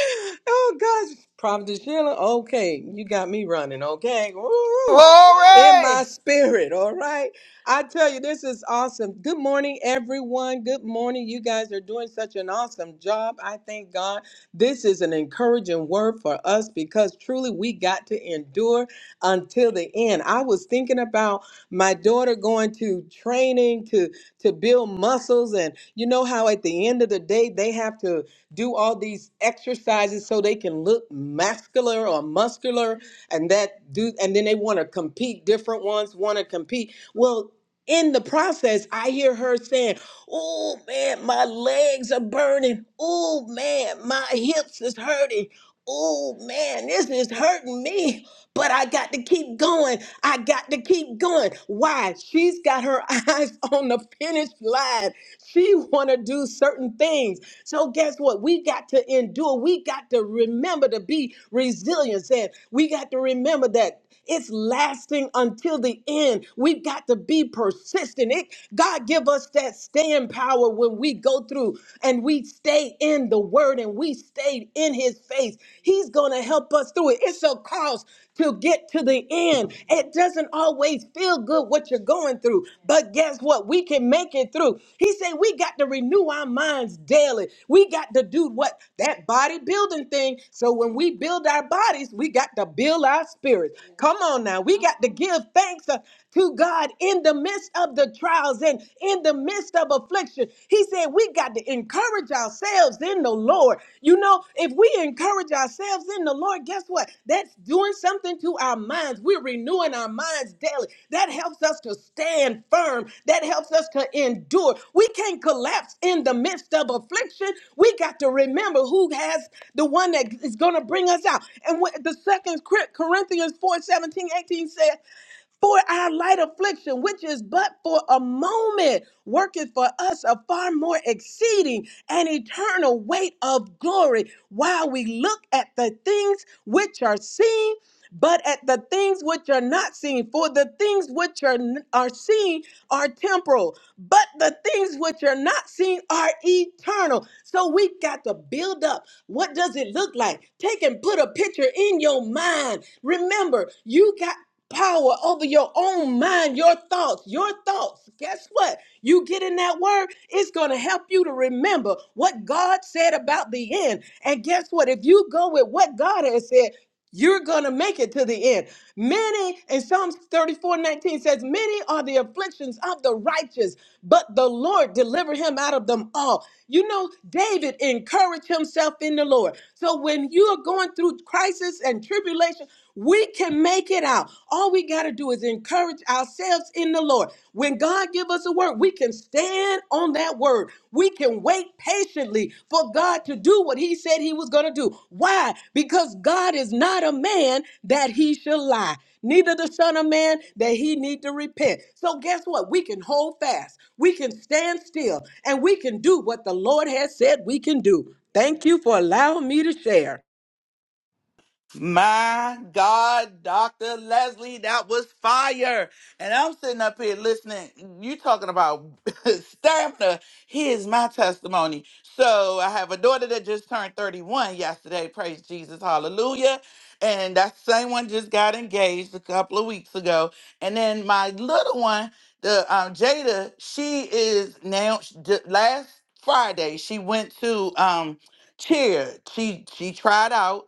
Oh gosh, Prophet Sheila, okay, you got me running, okay? Woo! In my
Glory.
spirit, all right? I tell you, this is awesome. Good morning, everyone. Good morning. You guys are doing such an awesome job. I thank God. This is an encouraging word for us because truly we got to endure until the end. I was thinking about my daughter going to training to to build muscles. And you know how at the end of the day, they have to do all these exercises so they can look muscular or muscular and that do, and then they want to compete. Different ones want to compete. Well, in the process, I hear her saying, Oh man, my legs are burning. Oh man, my hips is hurting. Oh man, this is hurting me but I got to keep going. I got to keep going. Why? She's got her eyes on the finish line. She want to do certain things. So guess what? We got to endure. We got to remember to be resilient. And we got to remember that. It's lasting until the end. We've got to be persistent. It, God give us that stand power when we go through and we stay in the word and we stayed in his face. He's going to help us through it. It's a cause to get to the end. It doesn't always feel good what you're going through, but guess what? We can make it make through. He said, We got to renew our minds daily. We got to do what? That bodybuilding thing. So when we build our bodies, we got to build our spirits. Come on now. We got to give thanks uh, to God in the midst of the trials and in the midst of affliction. He said, We got to encourage ourselves in the Lord. You know, if we encourage ourselves in the Lord, guess what? That's doing something to our minds. We're renewing our minds daily. That helps us to stand firm. That helps us to endure. We can't collapse in the midst of affliction. We got to remember who has the one that is going to bring us out. And what the second Corinthians 4 17 18 says, for our light affliction, which is but for a moment, worketh for us a far more exceeding and eternal weight of glory, while we look at the things which are seen, but at the things which are not seen. For the things which are, are seen are temporal, but the things which are not seen are eternal. So we got to build up. What does it look like? Take and put a picture in your mind. Remember, you got power over your own mind, your thoughts, your thoughts. Guess what? You get in that word, it's going to help you to remember what God said about the end. And guess what? If you go with what God has said, you're going to make it to the end. Many, in Psalms 34 19 says, Many are the afflictions of the righteous, but the Lord delivered him out of them all. You know, David encouraged himself in the Lord. So when you are going through crisis and tribulation, we can make it out. All we got to do is encourage ourselves in the Lord. When God give us a word, we can stand on that word. We can wait patiently for God to do what he said he was going to do. Why? Because God is not a man that he shall lie, neither the son of man that he need to repent. So guess what? We can hold fast. We can stand still and we can do what the Lord has said we can do. Thank you for allowing me to share.
My God, Dr. Leslie, that was fire. And I'm sitting up here listening. You talking about stamina. Here's my testimony. So I have a daughter that just turned 31 yesterday. Praise Jesus. Hallelujah. And that same one just got engaged a couple of weeks ago. And then my little one, the um, Jada, she is now sh- d- last Friday, she went to um cheer. She she tried out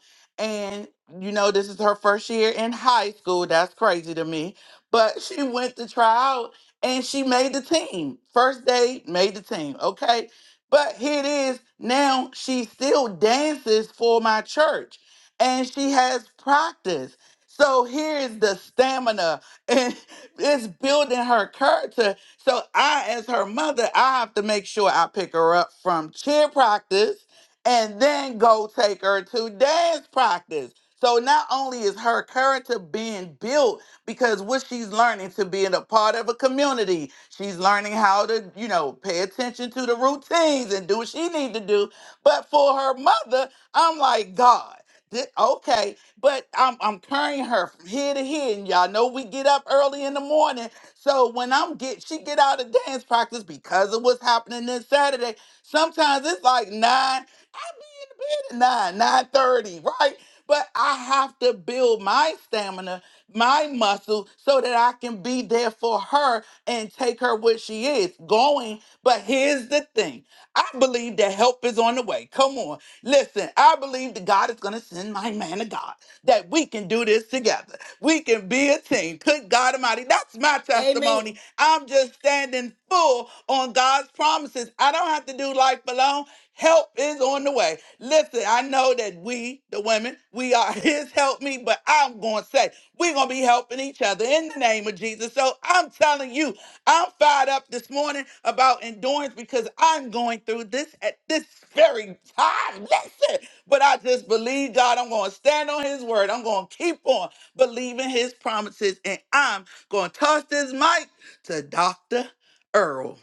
you know, this is her first year in high school. That's crazy to me. But she went to try out and she made the team. First day, made the team. Okay. But here it is. Now she still dances for my church and she has practice. So here is the stamina and it's building her character. So I, as her mother, I have to make sure I pick her up from cheer practice and then go take her to dance practice so not only is her character being built because what she's learning to being a part of a community, she's learning how to, you know, pay attention to the routines and do what she need to do. But for her mother, I'm like, God, thi- okay. But I'm I'm carrying her from here to here. And y'all know we get up early in the morning. So when I'm get she get out of dance practice because of what's happening this Saturday, sometimes it's like nine. I be in the bed at nine, nine thirty, right? but I have to build my stamina, my muscle, so that I can be there for her and take her where she is going. But here's the thing I believe that help is on the way. Come on. Listen, I believe that God is going to send my man of God, that we can do this together. We can be a team. Good God Almighty. That's my
Amen.
testimony. I'm just standing full on God's promises. I don't have to do life alone. Help is on the way. Listen, I know that we, the women, we are His help me, but I'm going to say we're going to be helping each other in the name of Jesus. So I'm telling you, I'm fired up this morning about endurance because I'm going through this at this very time. Listen, but I just believe God. I'm going to stand on His word. I'm going to keep on believing his promises, and I'm going to toss this mic to Dr. Earl.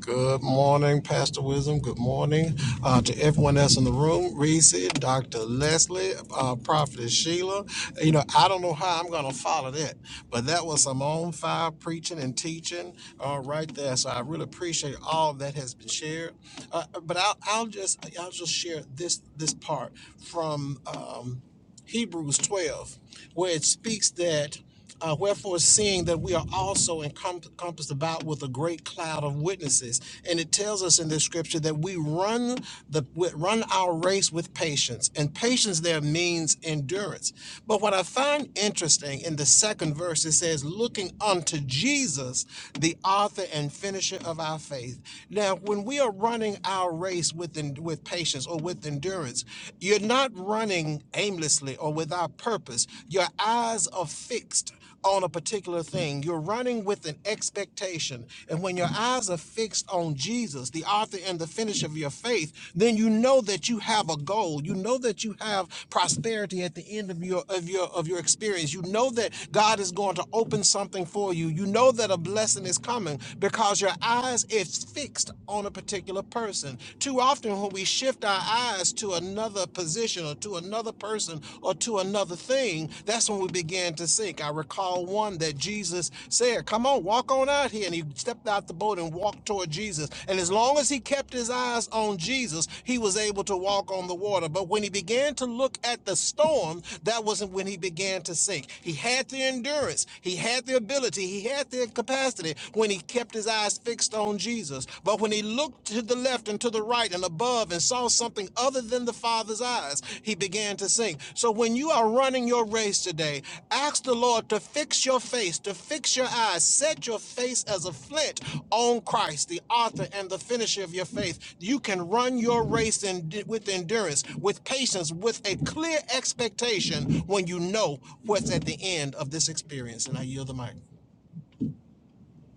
Good morning, Pastor Wisdom. Good morning uh, to everyone that's in the room. Reese, Dr. Leslie, uh, Prophet Sheila. You know, I don't know how I'm going to follow that, but that was some on fire preaching and teaching uh, right there. So I really appreciate all that has been shared. Uh, but I'll, I'll just I'll just share this this part from. Um, Hebrews 12, where it speaks that, uh, wherefore, seeing that we are also encom- encompassed about with a great cloud of witnesses. And it tells us in this scripture that we run the we run our race with patience. And patience there means endurance. But what I find interesting in the second verse, it says, looking unto Jesus, the author and finisher of our faith. Now, when we are running our race with, en- with patience or with endurance, endurance. You're not running aimlessly or without purpose. Your eyes are fixed on a particular thing. You're running with an expectation. And when your eyes are fixed on Jesus, the author and the finish of your faith, then you know that you have a goal. You know that you have prosperity at the end of your of your of your experience. You know that God is going to open something for you. You know that a blessing is coming because your eyes is fixed on a particular person. Too often, when we shift our eyes to another position or to another person or to another thing, that's when we begin to sink. I recall one that Jesus said, Come on, walk on out here. And he stepped out the boat and walked toward Jesus. And as long as he kept his eyes on Jesus, he was able to walk on the water. But when he began to look at the storm, that wasn't when he began to sink. He had the endurance, he had the ability, he had the capacity when he kept his eyes eyes fixed on Jesus. But when he looked to the left and to the right and above and saw something other than the Father's eyes, he began to sink. So when you are running your race today, ask the Lord to fix your face, to fix your eyes, set your face as a flint on Christ, the author and the finisher of your faith. You can run your race in, with endurance, with patience, with a clear expectation when you know what's at the end of this experience. And I yield the mic.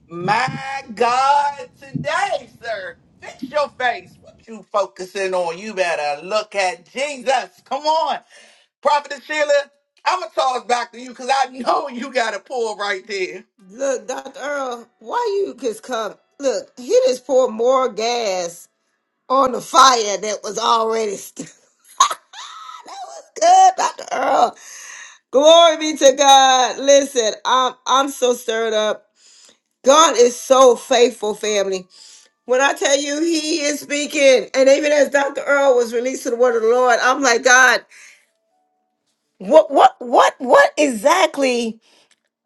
My God, today, sir, fix your face. What you focusing on? You better look at Jesus. Come on. Prophet Sheila, I'm going to toss back to you because I know you got a pull right there.
Look, Dr. Earl, why you just come? Look, he just poured more gas on the fire that was already st- good, Dr. Earl. Glory be to God. Listen, I'm I'm so stirred up. God is so faithful, family. When I tell you he is speaking, and even as Dr. Earl was releasing the word of the Lord, I'm like, God, what what what what exactly?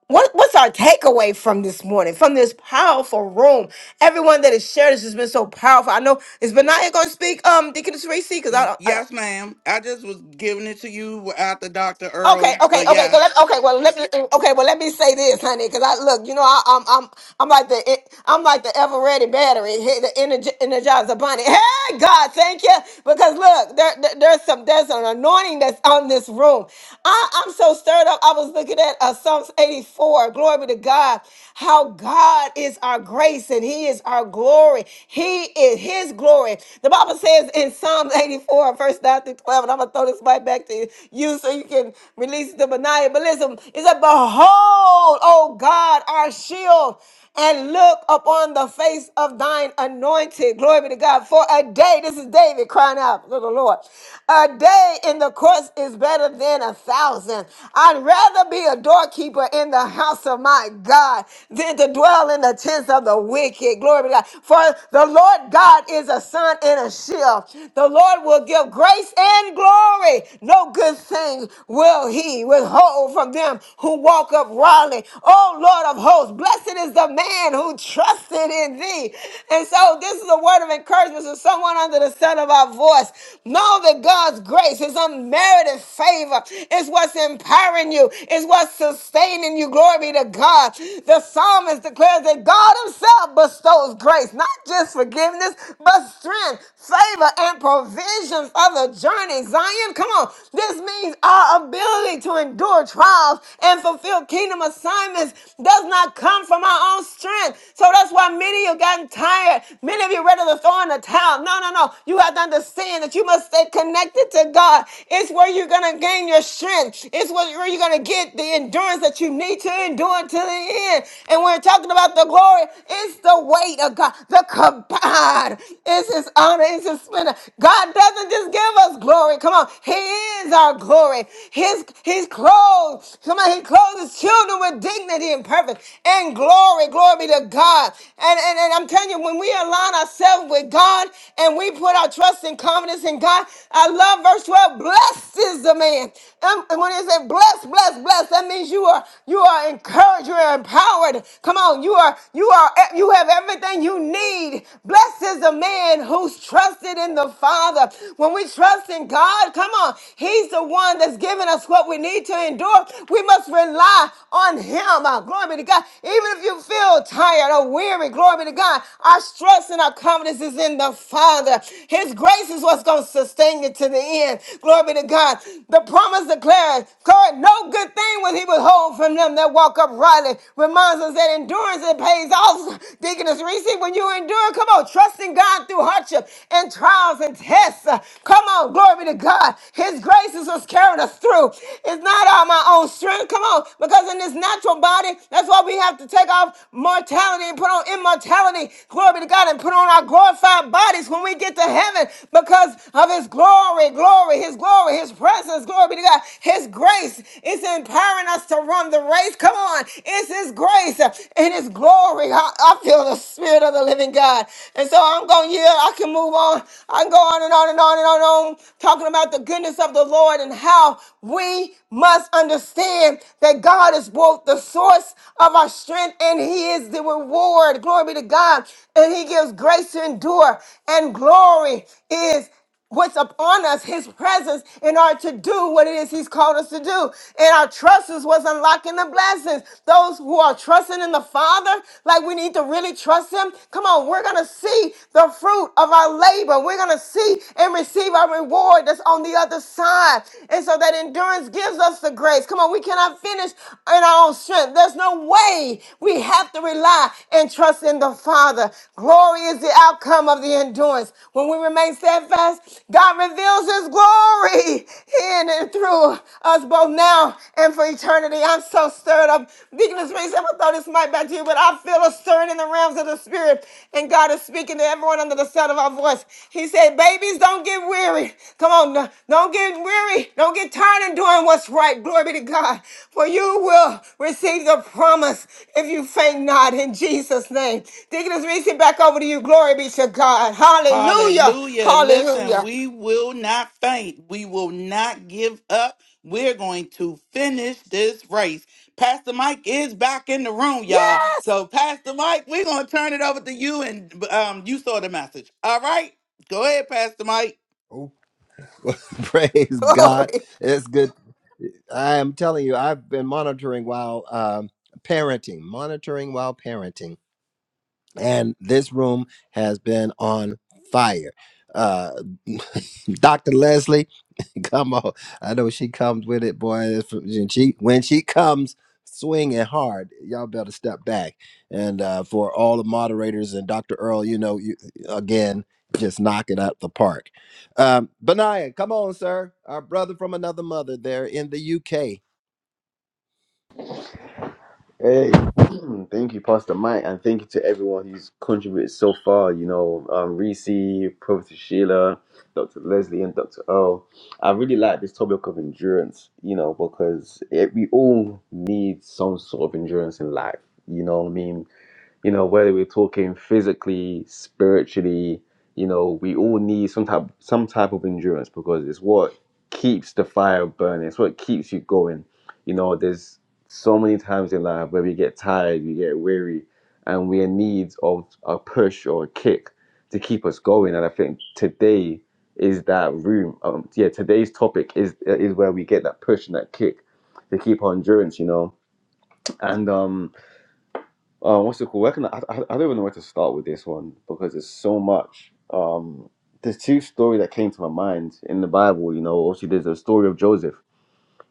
What, what's our takeaway from this morning, from this powerful room? Everyone that has shared this has been so powerful. I know is Benaya going to speak, um, Deaconess Racy, because
Y-
I, I
Yes, ma'am. I just was giving it to you after Dr.
Okay,
Earl,
okay,
but
okay.
yes.
go- Let, okay, well, let me. Okay, well, let me say this, honey, because I look. You know, I, I'm, I'm, I'm like the, I'm like the ever ready battery, hey, the energy, energizer bunny. Hey, God, thank you, because look, there, there- there's some, there's an anointing that's on this room. I, I'm so stirred up. I was looking at uh, Psalms 84. Glory be to God. How God is our grace and He is our glory. He is His glory. The Bible says in Psalms 84, verse 9 through 12, and I'm gonna throw this goes right back to you so you can release the maniacalism. It said, Behold, O God, our shield, and look upon the face of thine anointed. Glory be to God. For a day, this is David crying out, little Lord, a day in the courts is better than a thousand. I'd rather be a doorkeeper in the house of my God than to dwell in the tents of the wicked. Glory be to God. For the Lord God is a sun and a shield. The Lord will give grace and glory. No good thing will he withhold from them who walk uprightly. Oh Lord of hosts, blessed is the man who trusted in thee. And so this is a word of encouragement to someone under the sound of our voice. Know that God's grace, his unmerited favor, is what's empowering you, is what's sustaining you. Glory be to God. The psalmist declares that God himself bestows grace, not just forgiveness, but strength strength, favor, and provision for the journey. Zion, come on. This means our ability to endure trials and fulfill kingdom assignments does not come from our own strength. So that's why many of you gotten tired. Many of you ready to throw in the towel. No, no, no. You have to understand that you must stay connected to God. It's where you're going to gain your strength. It's where you're going to get the endurance that you need to endure to the end. And we're talking about the glory. It's the weight of God. The God is his honor, is his splendor. God doesn't just give us glory. Come on. He is our glory. His he's clothed. Come on, he clothes his children with dignity and purpose and glory. Glory be to God. And, and, and I'm telling you, when we align ourselves with God and we put our trust and confidence in God, I love verse 12. Blessed is the man. And and when it said blessed, blessed, blessed, that means you are you are encouraged, you are empowered. Come on, you are you you are e, you have everything you need. Blessed is the man who's trusted in the Father. When we trust in God, come on, He's the one that's giving us what we need to endure. We must rely on Him. Uh, Glory be to God. Even if you feel tired or weary, glory be to God. Our trust and our confidence is in the Father. His grace is what's going to sustain you to the end. Glory be to God. The promise declares, God, no good thing will He withhold from them that walk uprightly. Ramonson said, endurance it pays off. Deaconess Reese, when you endure, come on, trusting God through hardship and trials and tests. Uh, Come on, glory to God. His grace is what's carrying us through. It's not all my own strength. Come on, because in this natural body, that's why we have to take off mortality and put on immortality. Glory to God and put on our glorified bodies when we get to heaven because of his glory, glory, his glory, his presence. Glory be to God. His grace is empowering us to run the race. Come on. It's His grace and His glory. I, I feel the Spirit of the living God. And so I'm going to yield. I can move on. I can go on and on and on and on and on, talking about the goodness of the Lord and how we must understand that God is both the source of our strength and He is the reward. Glory be to God. And He gives grace to endure. And glory is what's upon us, his presence, in order to do what it is he's called us to do. And our trust is what's unlocking the blessings. Those who are trusting in the Father, like we need to really trust him. Come on, we're gonna see the fruit of our labor. We're gonna see and receive our reward that's on the other side. And so that endurance gives us the grace. Come on or we cannot finish in our own strength. There's no way we have to rely and trust in the Father. Glory is the outcome of the endurance. When we remain steadfast, God reveals His glory in and through us both now and for eternity. I'm so stirred up. Deaconess Reese, I never thought this might back to you, but I feel a stirring in the realms of the spirit and God is speaking to everyone under the sound of our voice. He said, babies, don't get weary. Come on, no- don't get weary. Don't get tired in doing what's right. Glory be to God. For you will receive the promise if you faint not in Jesus' name. Deaconess Reese, back over to you. Glory be to God. Hallelujah.
Hallelujah. Listen,
Hallelujah.
we will not faint. We will not give up. We're going to finish this race. Pastor Mike is back in the room, y'all.
Yes.
So, Pastor Mike, we're going to turn it over to you, and um, you saw the message. All right? Go ahead, Pastor Mike.
Oh, Praise
Glory.
God. It's good. I am telling you, I've been monitoring while um, parenting, monitoring while parenting. and this room has been on fire. Uh, Dr. Leslie, come on! I know she comes with it, boy. it's from- and She when she comes swinging hard, y'all better step back. And uh, for all the moderators and Dr. Earl, you know, you again just knock it out the park. Um, Benaiah, come on, sir, our brother from another mother there in the UK.
Hey, thank you, Pastor Mike, and thank you to everyone who's contributed so far. You know, um, Reese, Professor Sheila, Dr. Leslie, and Dr. Earl. I really like this topic of endurance, you know, because it, we all need some sort of endurance in life. You know what I mean? you know, whether we're talking physically, spiritually, you know, we all need some type some type of endurance because it's what keeps the fire burning. It's what keeps you going. You know, there's so many times in life where we get tired, we get weary, and we are in need of a push or a kick to keep us going. And I think today is that room. Um, yeah, today's topic is is where we get that push and that kick to keep our endurance. You know, and um uh, what's it called? Where can I, I, I don't even know where to start with this one because there's so much. Um, there's two story that came to my mind in the Bible. You know, obviously there's the story of Joseph.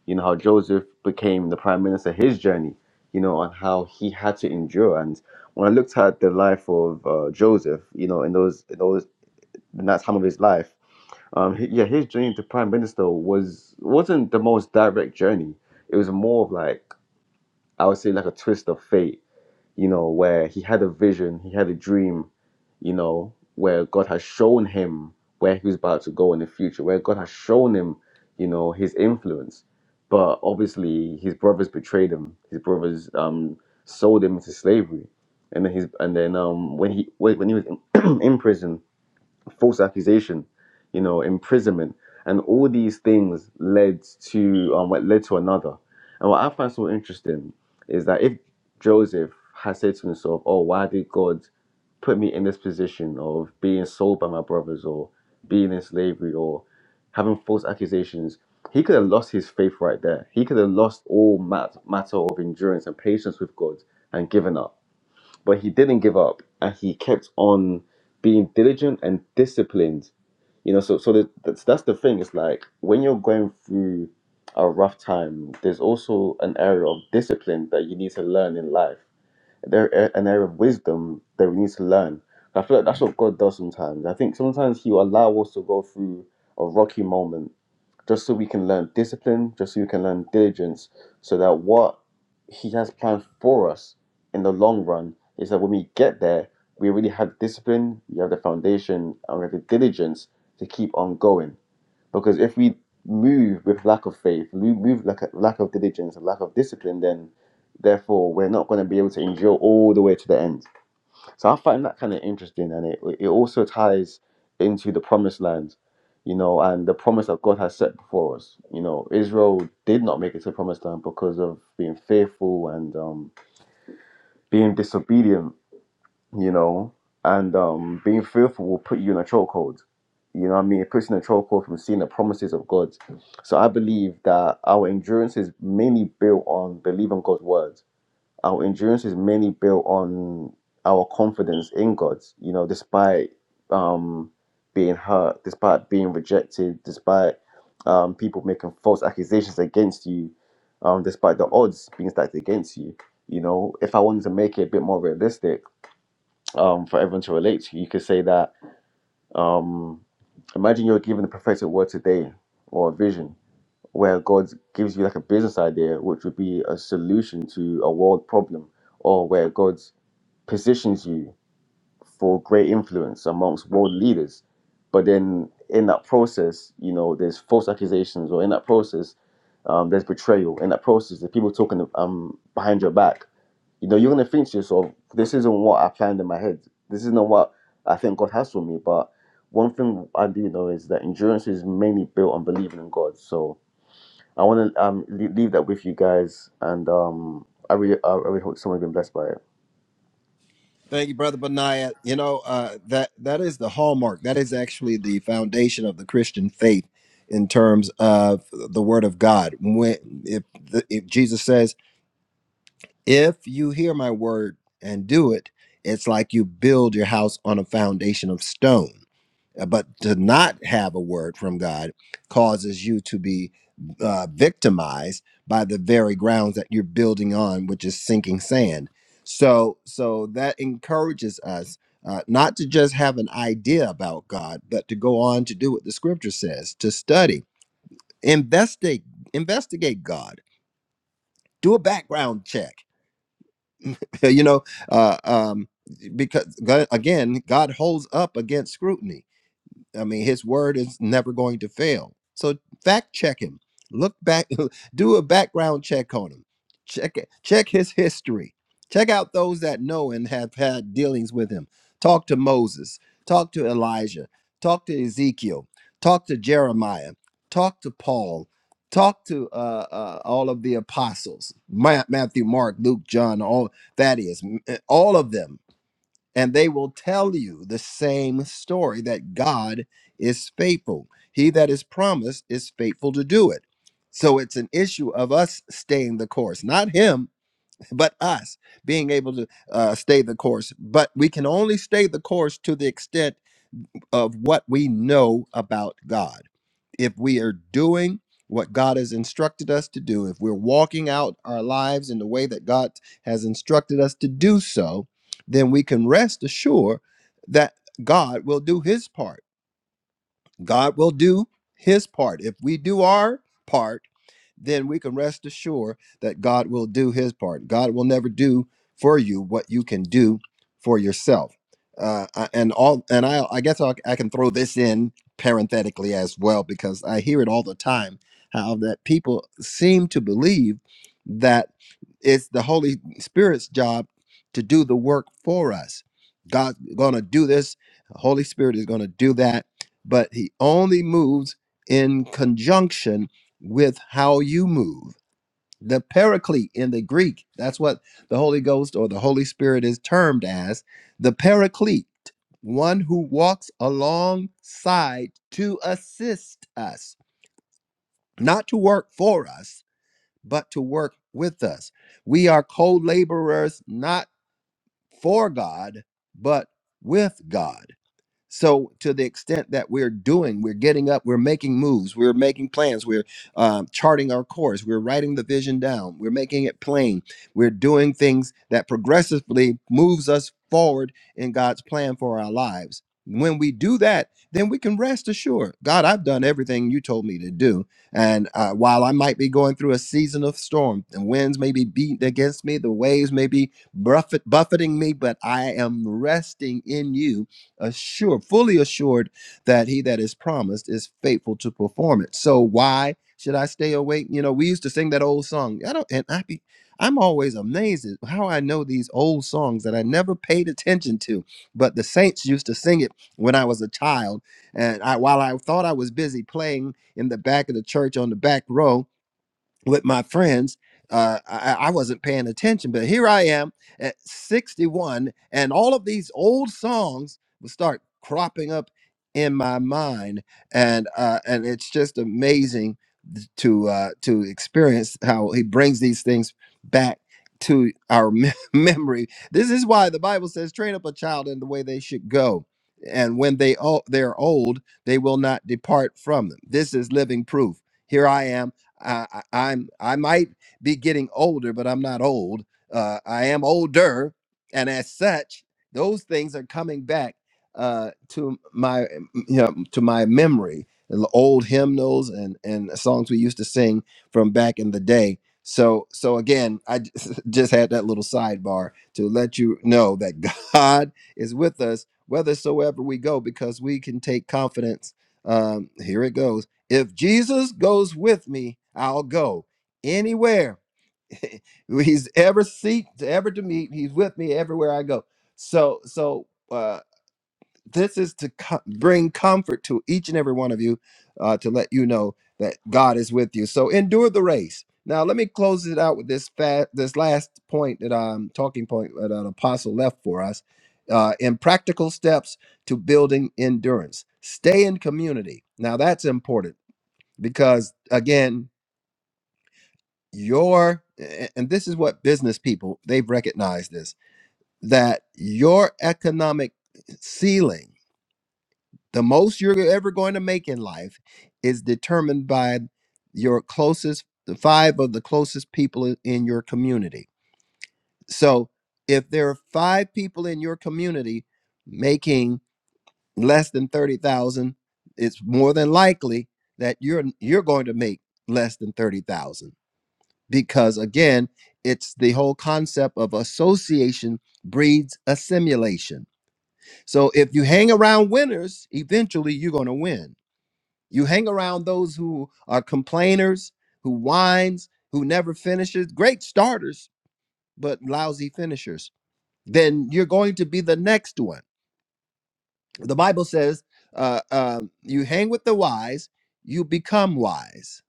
You know how Joseph became the prime minister, his journey. You know, and how he had to endure. And when I looked at the life of uh, Joseph, you know, in those in those in that time of his life, um, he, yeah, his journey to prime minister was wasn't the most direct journey. It was more of like I would say like a twist of fate you know, where he had a vision, he had a dream, you know, where God has shown him where he was about to go in the future, where God has shown him, you know, his influence. But obviously, his brothers betrayed him. His brothers um, sold him into slavery, and then his and then um, when he when he was in, in prison, false accusation, you know, imprisonment, and all these things led to um, what led to another. And what I find so interesting is that if Joseph had said to himself, "Oh, why did God put me in this position of being sold by my brothers, or being in slavery, or having false accusations?" He could have lost his faith right there. He could have lost all mat- matter of endurance and patience with God and given up but he didn't give up and he kept on being diligent and disciplined you know so so the, that's that's the thing it's like when you're going through a rough time there's also an area of discipline that you need to learn in life there a- an area of wisdom that we need to learn i feel like that's what god does sometimes i think sometimes he will allow us to go through a rocky moment just so we can learn discipline, just so we can learn diligence, so that what He has planned for us in the long run is that when we get there, we really have discipline, we have the foundation, and we have the diligence to keep on going. Because if we move with lack of faith, we move like a lack of diligence, a lack of discipline, then therefore we're not going to be able to endure all the way to the end so I find that kind of interesting, and it it also ties into the promised land, you know, and the promise that God has set before us. You know, Israel did not make it to the promised land because of being fearful and um, being disobedient. You know, and um, being fearful will put you in a chokehold. You know, what I mean, it puts you in a chokehold from seeing the promises of God. So I believe that our endurance is mainly built on believing God's word our endurance is mainly built on our confidence in God, you know, despite um, being hurt, despite being rejected, despite um, people making false accusations against you, um, despite the odds being stacked against you. You know, if I wanted to make it a bit more realistic um, for everyone to relate to, you could say that um, imagine you're given a prophetic word today or a vision where God gives you like a business idea, which would be a solution to a world problem, or where God positions you for great influence amongst world leaders. But then in that process, you know, there's false accusations, or in that process, um, there's betrayal. In that process, there's people talking um, behind your back. You know, you're going to think to yourself, this isn't what I planned in my head. This isn't what I think God has for me. But one thing I do know is that endurance is mainly built on believing in God. So I want to um, leave that with you guys. And um, I really, I really hope someone's been blessed by it.
Thank you, brother Benaiah. You know uh, that that is the hallmark. That is actually the foundation of the Christian faith in terms of the Word of God. When if, the, if Jesus says, "If you hear my word and do it," it's like you build your house on a foundation of stone. Uh, But to not have a word from God causes you to be uh, victimized by the very grounds that you're building on, which is sinking sand. So, so that encourages us uh, not to just have an idea about God, but to go on to do what the Scripture says: to study, investigate, investigate God, do a background check. you know, uh, um, because God, again, God holds up against scrutiny I mean, his word is never going to fail. So fact check him. Look back, do a background check on him. Check it, check his history. Check out those that know and have had dealings with him. Talk to Moses, talk to Elijah, talk to Ezekiel, talk to Jeremiah, talk to Paul, talk to uh, uh, all of the apostles, Ma- Matthew, Mark, Luke, John, all that is, m- eh, all of them and they will tell you the same story that God is faithful. He that is promised is faithful to do it. So it's an issue of us staying the course, not him, but us being able to uh, stay the course. But we can only stay the course to the extent of what we know about God. If we are doing what God has instructed us to do, if we're walking out our lives in the way that God has instructed us to do so, then we can rest assured that God will do his part. God will do his part. If we do our part, then we can rest assured that God will do his part. God will never do for you what you can do for yourself. Uh, I- and all, and I, I guess i I can throw this in parenthetically as well because I hear it all the time how that people seem to believe that it's the Holy Spirit's job to do the work for us. God's gonna do this. The Holy Spirit is gonna do that, but He only moves in conjunction with how you move. The paraclete in the Greek, that's what the Holy Ghost or the Holy Spirit is termed as the paraclete, one who walks alongside to assist us, not to work for us, but to work with us. We are co laborers not for God, but with God. So, to the extent that we're doing, we're getting up, we're making moves, we're making plans, we're um, charting our course, we're writing the vision down, we're making it plain, we're doing things that progressively moves us forward in God's plan for our lives. When we do that, then we can rest assured God, I've done everything you told me to do. And uh, while I might be going through a season of storm, the winds may be beating against me, the waves may be buffet- buffeting me, but I am resting in you assured, fully assured that he that is promised is faithful to perform it. So why should I stay awake? You know, we used to sing that old song. I don't, and I be, I'm always amazed at how I know these old songs that I never paid attention to. But the saints used to sing it when I was a child, and I, while I thought I was busy playing in the back of the church on the back row, with my friends. Uh, I, I wasn't paying attention, but here I am at 61, and all of these old songs will start cropping up in my mind, and uh, and it's just amazing th- to uh, to experience how he brings these things back to our me- memory. This is why the Bible says, "Train up a child in the way they should go." And when they o- they are old, they will not depart from them. This is living proof. Here I am I, I- I'm I might be getting older, but I'm not old. Uh, I am older, and as such, those things are coming back uh, to my m- you know, to my memory. The old hymnals and and songs we used to sing from back in the day. So so again, I j- just had that little sidebar to let you know that God is with us whithersoever we go, because we can take confidence. Um, here it goes if Jesus goes with me, I'll go anywhere he's ever seek to ever to meet. He's with me everywhere I go. So so uh, this is to co- bring comfort to each and every one of you uh, to let you know that God is with you. So endure the race. Now let me close it out with this fat this last point that I'm talking point that an apostle left for us. Uh, in practical steps to building endurance. Stay in community. Now that's important because again your and this is what business people they've recognized this that your economic ceiling the most you're ever going to make in life is determined by your closest the five of the closest people i- in your community so if there are five people in your community making less than 30,000 it's more than likely that you're you're going to make less than 30,000 because again it's the whole concept of association breeds assimilation so if you hang around winners eventually you're going to win you hang around those who are complainers who whines who never finishes great starters but lousy finishers then you're going to be the next one the bible says uh, uh, you hang with the wise you become wise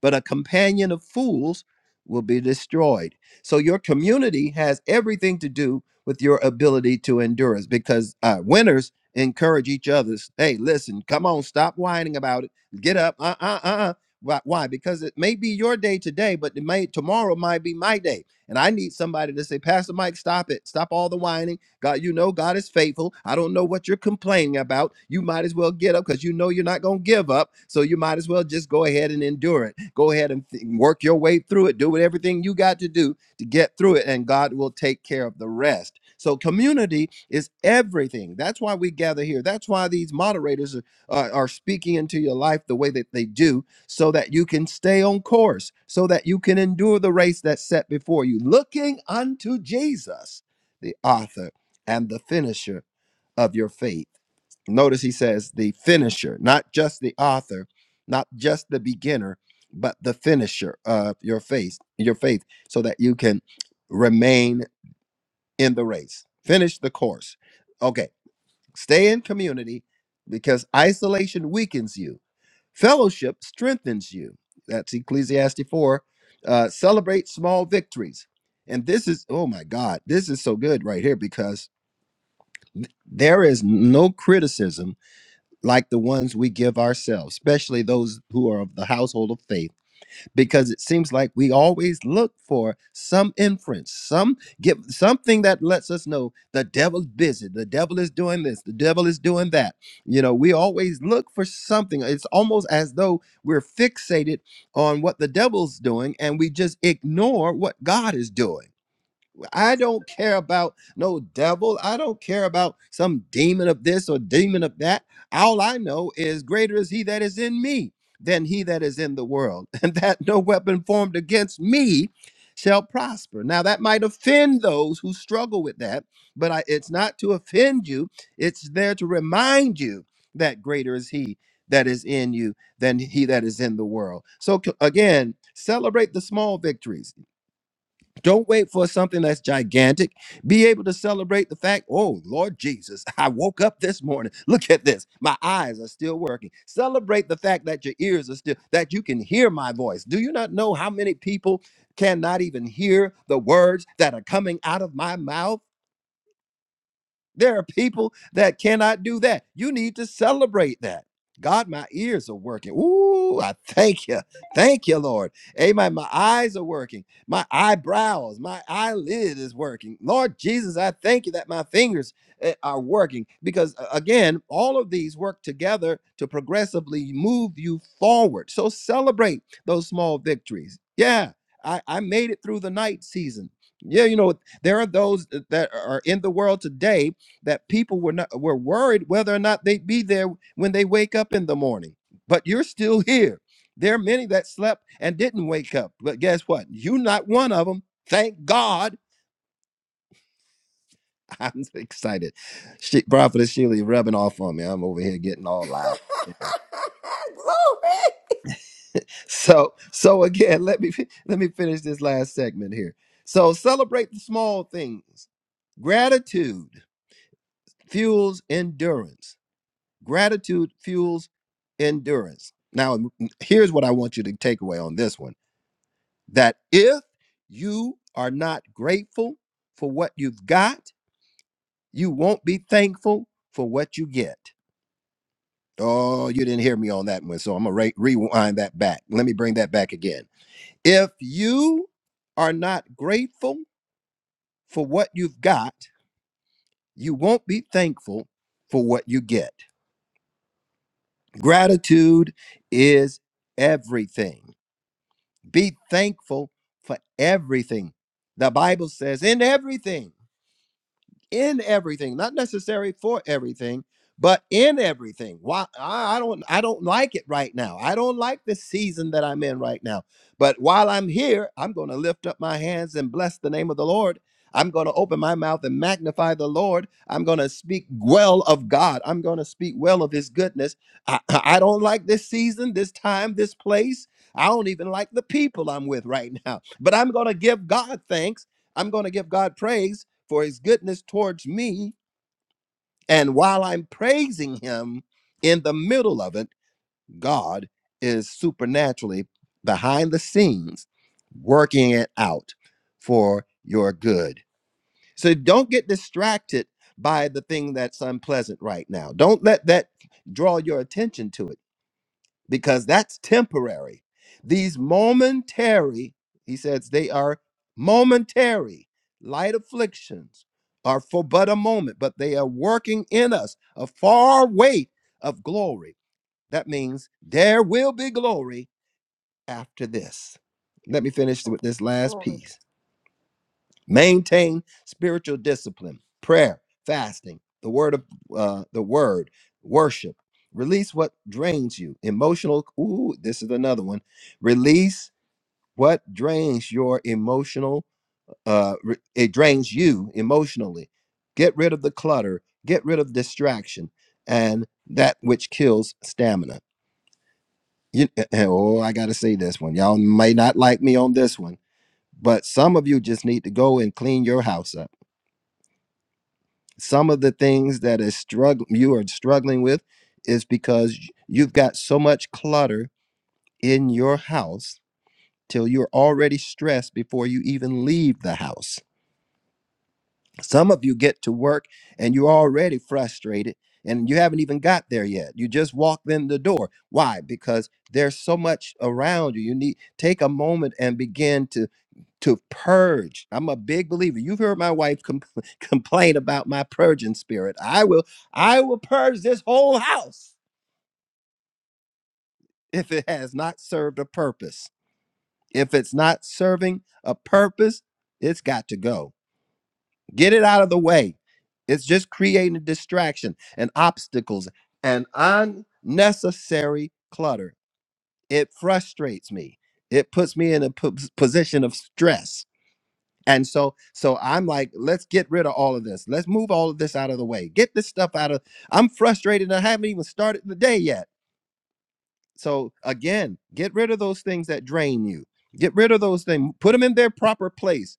but a companion of fools will be destroyed. So your community has everything to do with your ability to endurance because uh, winners encourage each others. Hey, listen, come on, stop whining about it. Get up. Uh uh uh. uh. Why? why? Because it may be your day today, but it may tomorrow might be my day, and I need somebody to say, Pastor Mike, stop it, stop all the whining God, you know God is faithful. I don't know what you're complaining about. You might as well get up because you know you're not going to give up. So you might as well just go ahead and endure it. Go ahead and th- work your way through it. Do what everything you got to do to get through it, and God will take care of the rest. So community is everything. That's why we gather here. That's why these moderators are, are, are speaking into your life the way that they do, so that you can stay on course, so that you can endure the race that's set before you, looking unto Jesus the author and the finisher of your faith. Notice he says the finisher, not just the author, not just the beginner, but the finisher of your faith, your faith, so that you can remain in the race. Finish the course. Okay, stay in community because isolation weakens you. Fellowship strengthens you. That's Ecclesiastes 4. Uh, celebrate small victories. And this is, oh my God, this is so good right here because there is no criticism like the ones we give ourselves, especially those who are of the household of faith, because it seems like we always look for some inference, some give something that lets us know the devil's busy, the devil is doing this, the devil is doing that. You know, we always look for something. It's almost as though we're fixated on what the devil's doing and we just ignore what God is doing I don't care about no devil. I don't care about some demon of this or demon of that. All I know is greater is he that is in me than he that is in the world, and that no weapon formed against me shall prosper. Now that might offend those who struggle with that, but I, it's not to offend you. It's there to remind you that greater is he that is in you than he that is in the world. So c- again, celebrate the small victories don't wait for something that's gigantic. Be able to celebrate the fact, oh, Lord Jesus, I woke up this morning. Look at this. My eyes are still working. Celebrate the fact that your ears are still, that you can hear my voice. Do you not know how many people cannot even hear the words that are coming out of my mouth? There are people that cannot do that. You need to celebrate that. God, my ears are working. Ooh, I thank you. Thank you, Lord. Amen. My eyes are working. My eyebrows, my eyelid is working. Lord Jesus, I thank you that my fingers eh, are working because, uh, again, all of these work together to progressively move you forward. So celebrate those small victories. Yeah, I, I made it through the night season. Yeah, you know, there are those eh, that are in the world today that people were not were worried whether or not they'd be there when they wake up in the morning. But you're still here. There are many that slept and didn't wake up, but guess what? You're not one of them. Thank God. I'm so excited. She, Prophetess Sheila, you're rubbing off on me. I'm over here getting all loud. So, so again, let me let me finish this last segment here. So, celebrate the small things. Gratitude fuels endurance. Gratitude fuels endurance. Now, here's what I want you to take away on this one that if you are not grateful for what you've got, you won't be thankful for what you get. Oh, you didn't hear me on that one. So I'm going to rewind that back. Let me bring that back again. If you are not grateful for what you've got, you won't be thankful for what you get. Gratitude is everything. Be thankful for everything. The Bible says, in everything in everything, not necessary for everything, but in everything. Why I, I don't I don't like it right now. I don't like the season that I'm in right now. But while I'm here, I'm going to lift up my hands and bless the name of the Lord. I'm going to open my mouth and magnify the Lord. I'm going to speak well of God. I'm going to speak well of his goodness. I, I I don't like this season, this time, this place. I don't even like the people I'm with right now. But I'm going to give God thanks. I'm going to give God praise for his goodness towards me. And while I'm praising him in the middle of it, God is supernaturally behind the scenes working it out for your good. So don't get distracted by the thing that's unpleasant right now. Don't let that draw your attention to it because that's temporary. These momentary, he says, they are momentary. Light afflictions are for but a moment, but they are working in us a far weight of glory. That means there will be glory after this. Let me finish with this last
glory.
piece maintain spiritual discipline prayer fasting the word of uh, the word worship release what drains you emotional ooh this is another one release what drains your emotional uh re- it drains you emotionally get rid of the clutter get rid of distraction and that which kills stamina you, oh i gotta say this one y'all may not like me on this one but some of you just need to go and clean your house up some of the things that is struggle you are struggling with is because you've got so much clutter in your house till you're already stressed before you even leave the house. Some of you get to work and you're already frustrated and you haven't even got there yet. You just walked in the door. Why? Because there's so much around you. You need take a moment and begin to to purge. I'm a big believer. You've heard my wife compl- complain about my purging spirit. I will I will purge this whole house if it has not served a purpose. If it's not serving a purpose, it's got to go. Get it out of the way. It's just creating distraction and obstacles and unnecessary clutter. It frustrates me. It puts me in a po- position of stress And so, so I'm like, let's get rid of all of this. Let's move all of this out of the way. Get this stuff out of. I'm frustrated. and I haven't even started the day yet. So again, get rid of those things that drain you. Get rid of those things. Put them in their proper place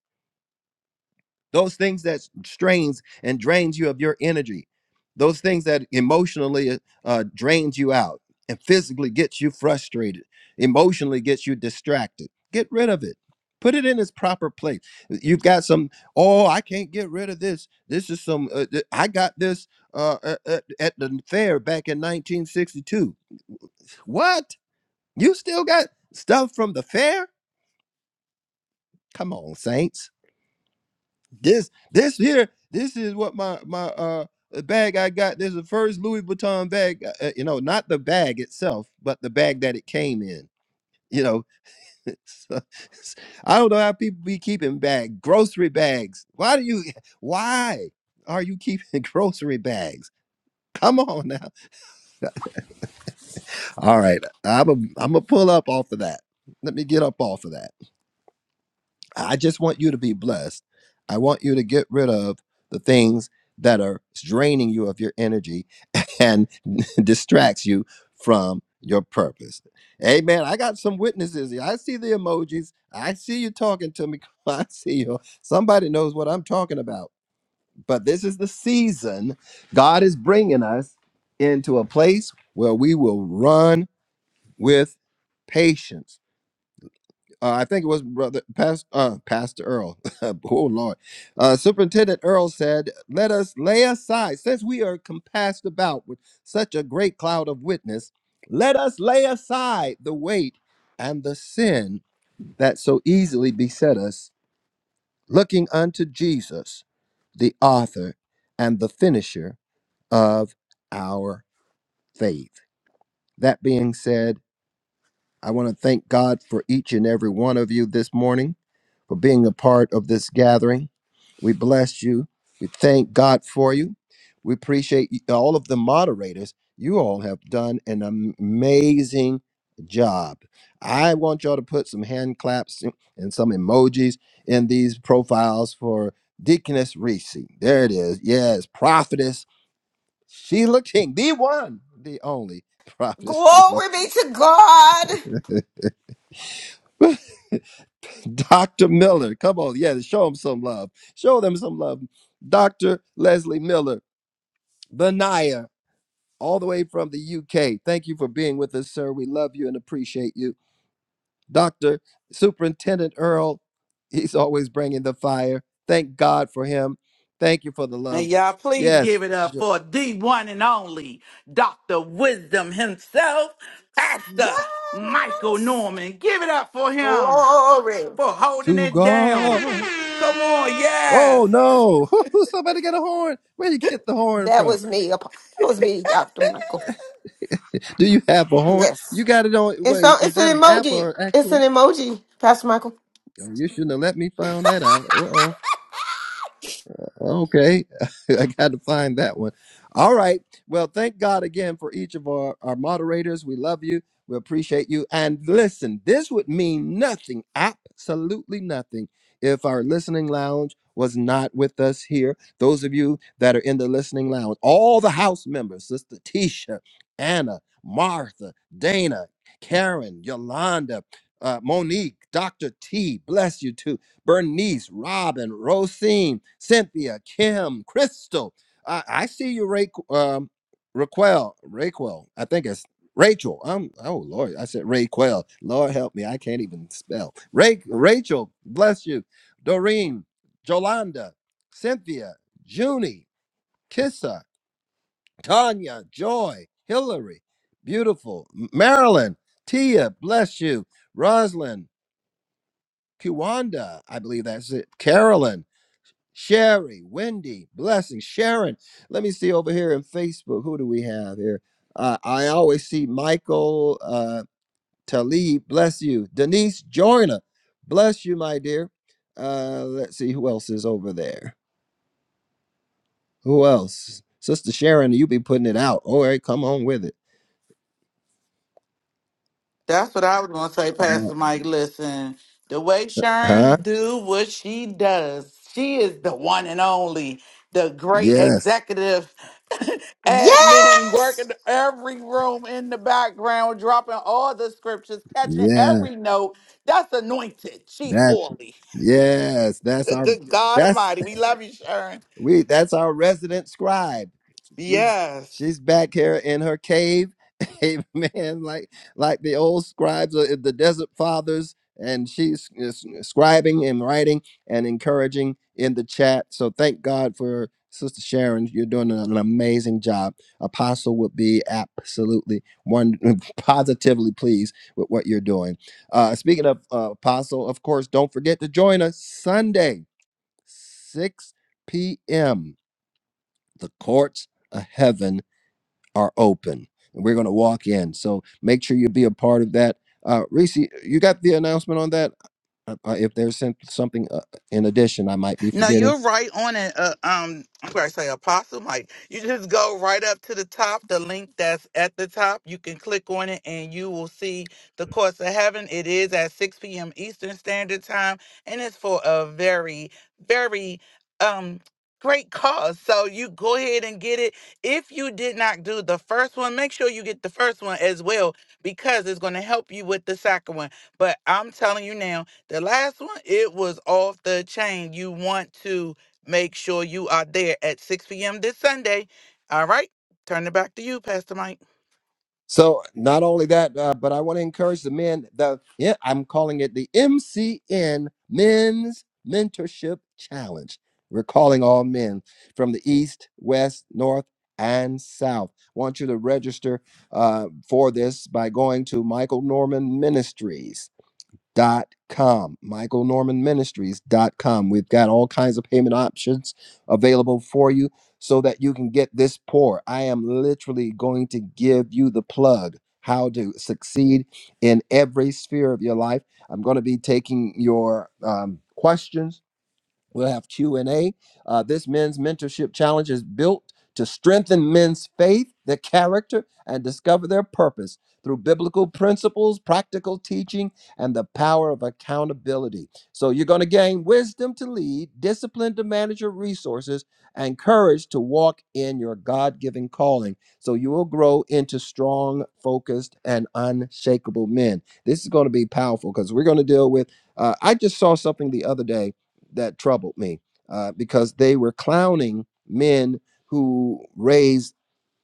those things that strains and drains you of your energy those things that emotionally uh, uh, drains you out and physically gets you frustrated emotionally gets you distracted get rid of it put it in its proper place you've got some oh i can't get rid of this this is some uh, th- i got this uh, uh, uh, at the fair back in 1962 what you still got stuff from the fair come on saints This this here, this is what my my uh the bag I got. This is the first Louis Vuitton bag. Uh, uh, you know, not the bag itself, but the bag that it came in. You know, So, I don't know how people be keeping bag grocery bags. Why do you? Why are you keeping grocery bags? Come on now. All right, I'm a I'm a pull up off of that. Let me get up off of that. I just want you to be blessed. I want you to get rid of the things that are draining you of your energy And distracts you from your purpose. Amen. I got some witnesses. here. I see the emojis. I see you talking to me. I see you. Somebody knows what I'm talking about. But this is the season God is bringing us into a place where we will run with patience uh, I think it was brother past, uh, Pastor Earl. oh Lord, uh, Superintendent Earl said, "Let us lay aside, since we are compassed about with such a great cloud of witness, let us lay aside the weight and the sin that so easily beset us, looking unto Jesus, the Author and the Finisher of our faith." That being said, I want to thank God for each and every one of you this morning. for being a part of this gathering. We bless you. We thank God for you. We appreciate you- all of the moderators. You all have done an amazing job. I want y'all to put some hand claps and some emojis in these profiles for Deaconess Reese. There it is. Yes, Prophetess Sheila King, the one, the only Prophetess Sheila.
Glory be to God.
Dr. Miller. Come on, yeah, show them some love. Show them some love. Dr. Leslie Miller, Benaya, all the way from the UK. Thank you for being with us, sir. We love you and appreciate you. Dr. Superintendent Earl, he's always bringing the fire. Thank God for him. Thank you for the
And
love.
y'all, please give
Yes,
it up
sh-
for the one and only Dr. Wisdom himself, Pastor Michael
Yes.
Norman. Give it up for him.
Glory.
for holding
to
it down.
God.
Come on,
Oh
yes.
no! Somebody get a horn. Where you get the horn
That
from?
was me. Ap- That was me, Dr. Michael.
Do you have a horn? You
Yes.
got it on.
It's
Wait,
a,
was
it's
that
an
an app
emoji.
or
It's
actual?
an emoji, Pastor Michael.
Oh, You shouldn't have let me find that out. Uh-oh. Okay. I got to find that one. All right. Well, thank God again for each of our, our moderators. We love you. We appreciate you. And listen, this would mean nothing, absolutely nothing, if our listening lounge was not with us here. Those of you that are in the listening lounge, all the house members, Sister Tisha, Anna, Martha, Dana, Karen, Yolanda, uh, Monique, Dr. T, bless you too. Bernice, Robin, Rosine, Cynthia, Kim, Crystal. I, I see you, Ra- um, Raquel. Raquel. I think it's Rachel. Um. Oh Lord, I said Raquel. Lord help me, I can't even spell. Ra- Rachel, bless you. Doreen, Jolanda, Cynthia, Junie, Kissa, Tanya, Joy, Hillary, beautiful. Marilyn, Tia, bless you. Roslyn, Kiwanda, I believe that's it. Carolyn. Sherry, Wendy, Blessing, Sharon. Let me see over here in Facebook. Who do we have here? Uh, I always see Michael uh, Talib. Bless you, Denise Joyner. Bless you, my dear. Uh, let's see who else is over there. Who else? Sister Sharon, you be putting it out. All right, come on with it.
That's what I was gonna say,
Uh,
Pastor Mike. Listen, the way
huh?
Sharon do what she does, she is the one and only, the great
Yes.
executive admin
Yes.
working every room in the background, dropping all the scriptures, catching
Yeah.
every note. That's anointed. She's
That.
oily.
Yes. That's our.
Good God
That's
Almighty. We love you, Sharon.
We that's our resident scribe. She's
Yes.
she's back here in her cave. Amen. Like like the old scribes of the desert fathers, and she's is scribing and writing and encouraging in the chat. So thank God for Sister Sharon. You're doing an amazing job. Apostle would be absolutely one positively pleased with what you're doing. Uh, speaking of uh, Apostle, of course, don't forget to join us Sunday. 6 p.m., the courts of heaven are open. And we're going to walk in. So make sure you be a part of that. Uh, Reese, you got the announcement on that? Uh, uh, if there's some- something uh, in addition, I might be
No,
forgetting.
you're right on it. Uh, um, I'm going to say Apostle Mike. You just go right up to the top, the link that's at the top. You can click on it and you will see the course of heaven. It is at 6 p.m. Eastern Standard Time and it's for a very, very um great cause. So you go ahead and get it. If you did not do the first one, make sure you get the first one as well because it's going to help you with the second one. But I'm telling you now, the last one, it was off the chain. You want to make sure you are there at 6 p.m. this Sunday. All right. Turn it back to you, Pastor Mike.
So not only that, uh, but I want to encourage the men. The yeah, I'm calling it the MCN Men's Mentorship Challenge. We're calling all men from the east, west, north, and south. want you to register uh, for this by going to Michael Norman Ministries dot com michael norman ministries dot com we've got all kinds of payment options available for you so that you can get this pour i am literally going to give you the plug how to succeed in every sphere of your life i'm going to be taking your um, questions We'll have Q&A. Uh, this men's mentorship challenge is built to strengthen men's faith, their character, and discover their purpose through biblical principles, practical teaching, and the power of accountability. So you're going to gain wisdom to lead, discipline to manage your resources, and courage to walk in your God-given calling. So you will grow into strong, focused, and unshakable men. This is going to be powerful because we're going to deal with uh, I just saw something the other day that troubled me uh, because they were clowning men who raise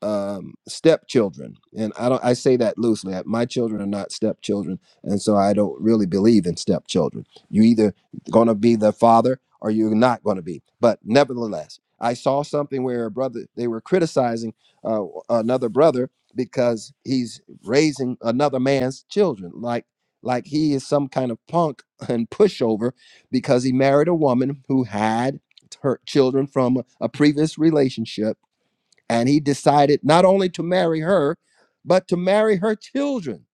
um, stepchildren, and I don't. I say that loosely. uh, My children are not stepchildren, and so I don't really believe in stepchildren. You either going to be the father or you're not going to be. But nevertheless, I saw something where a brother they were criticizing uh, another brother because he's raising another man's children, like like he is some kind of punk and pushover because he married a woman who had her children from a previous relationship and he decided not only to marry her, but to marry her children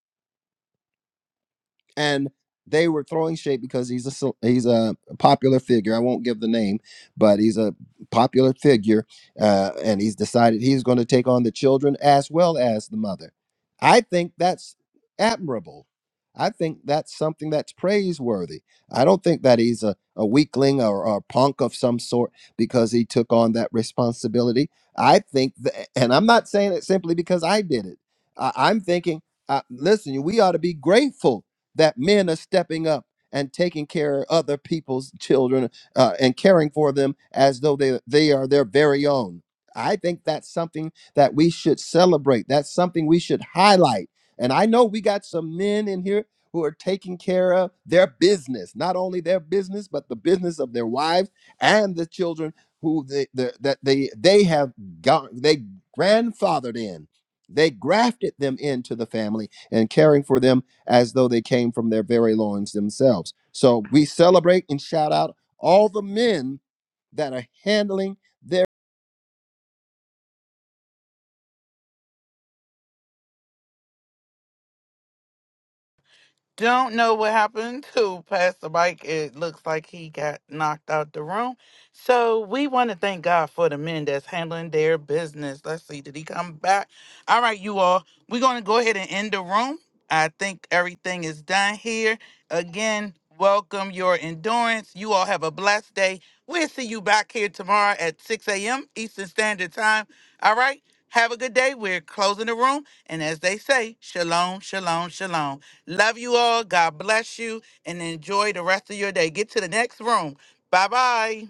and they were throwing shade because he's a cel- he's a popular figure. I won't give the name, but he's a popular figure, uh, and he's decided he's going to take on the children as well as the mother. I think that's admirable. I think that's something that's praiseworthy. I don't think that he's a, a weakling or, or a punk of some sort because he took on that responsibility. I think, that, and I'm not saying it simply because I did it. I, I'm thinking, uh, listen, we ought to be grateful that men are stepping up and taking care of other people's children uh, and caring for them as though they, they are their very own. I think that's something that we should celebrate. That's something we should highlight. And I know we got some men in here who are taking care of their business, not only their business, but the business of their wives and the children who they, the, that they they have gone they grandfathered in. They grafted them into the family and caring for them as though they came from their very loins themselves. So we celebrate and shout out all the men that are handling their.
Don't know what happened to Pastor Mike. It looks like he got knocked out the room. So we want to thank God for the men that's handling their business. Let's see, did he come back? All right, you all. We're going to go ahead and end the room. I think everything is done here. Again, welcome your endurance. You all have a blessed day. We'll see you back here tomorrow at 6 a.m. Eastern Standard Time. All right, have a good day. We're closing the room. And as they say, shalom, shalom, shalom. Love you all. God bless you and enjoy the rest of your day. Get to the next room. Bye bye.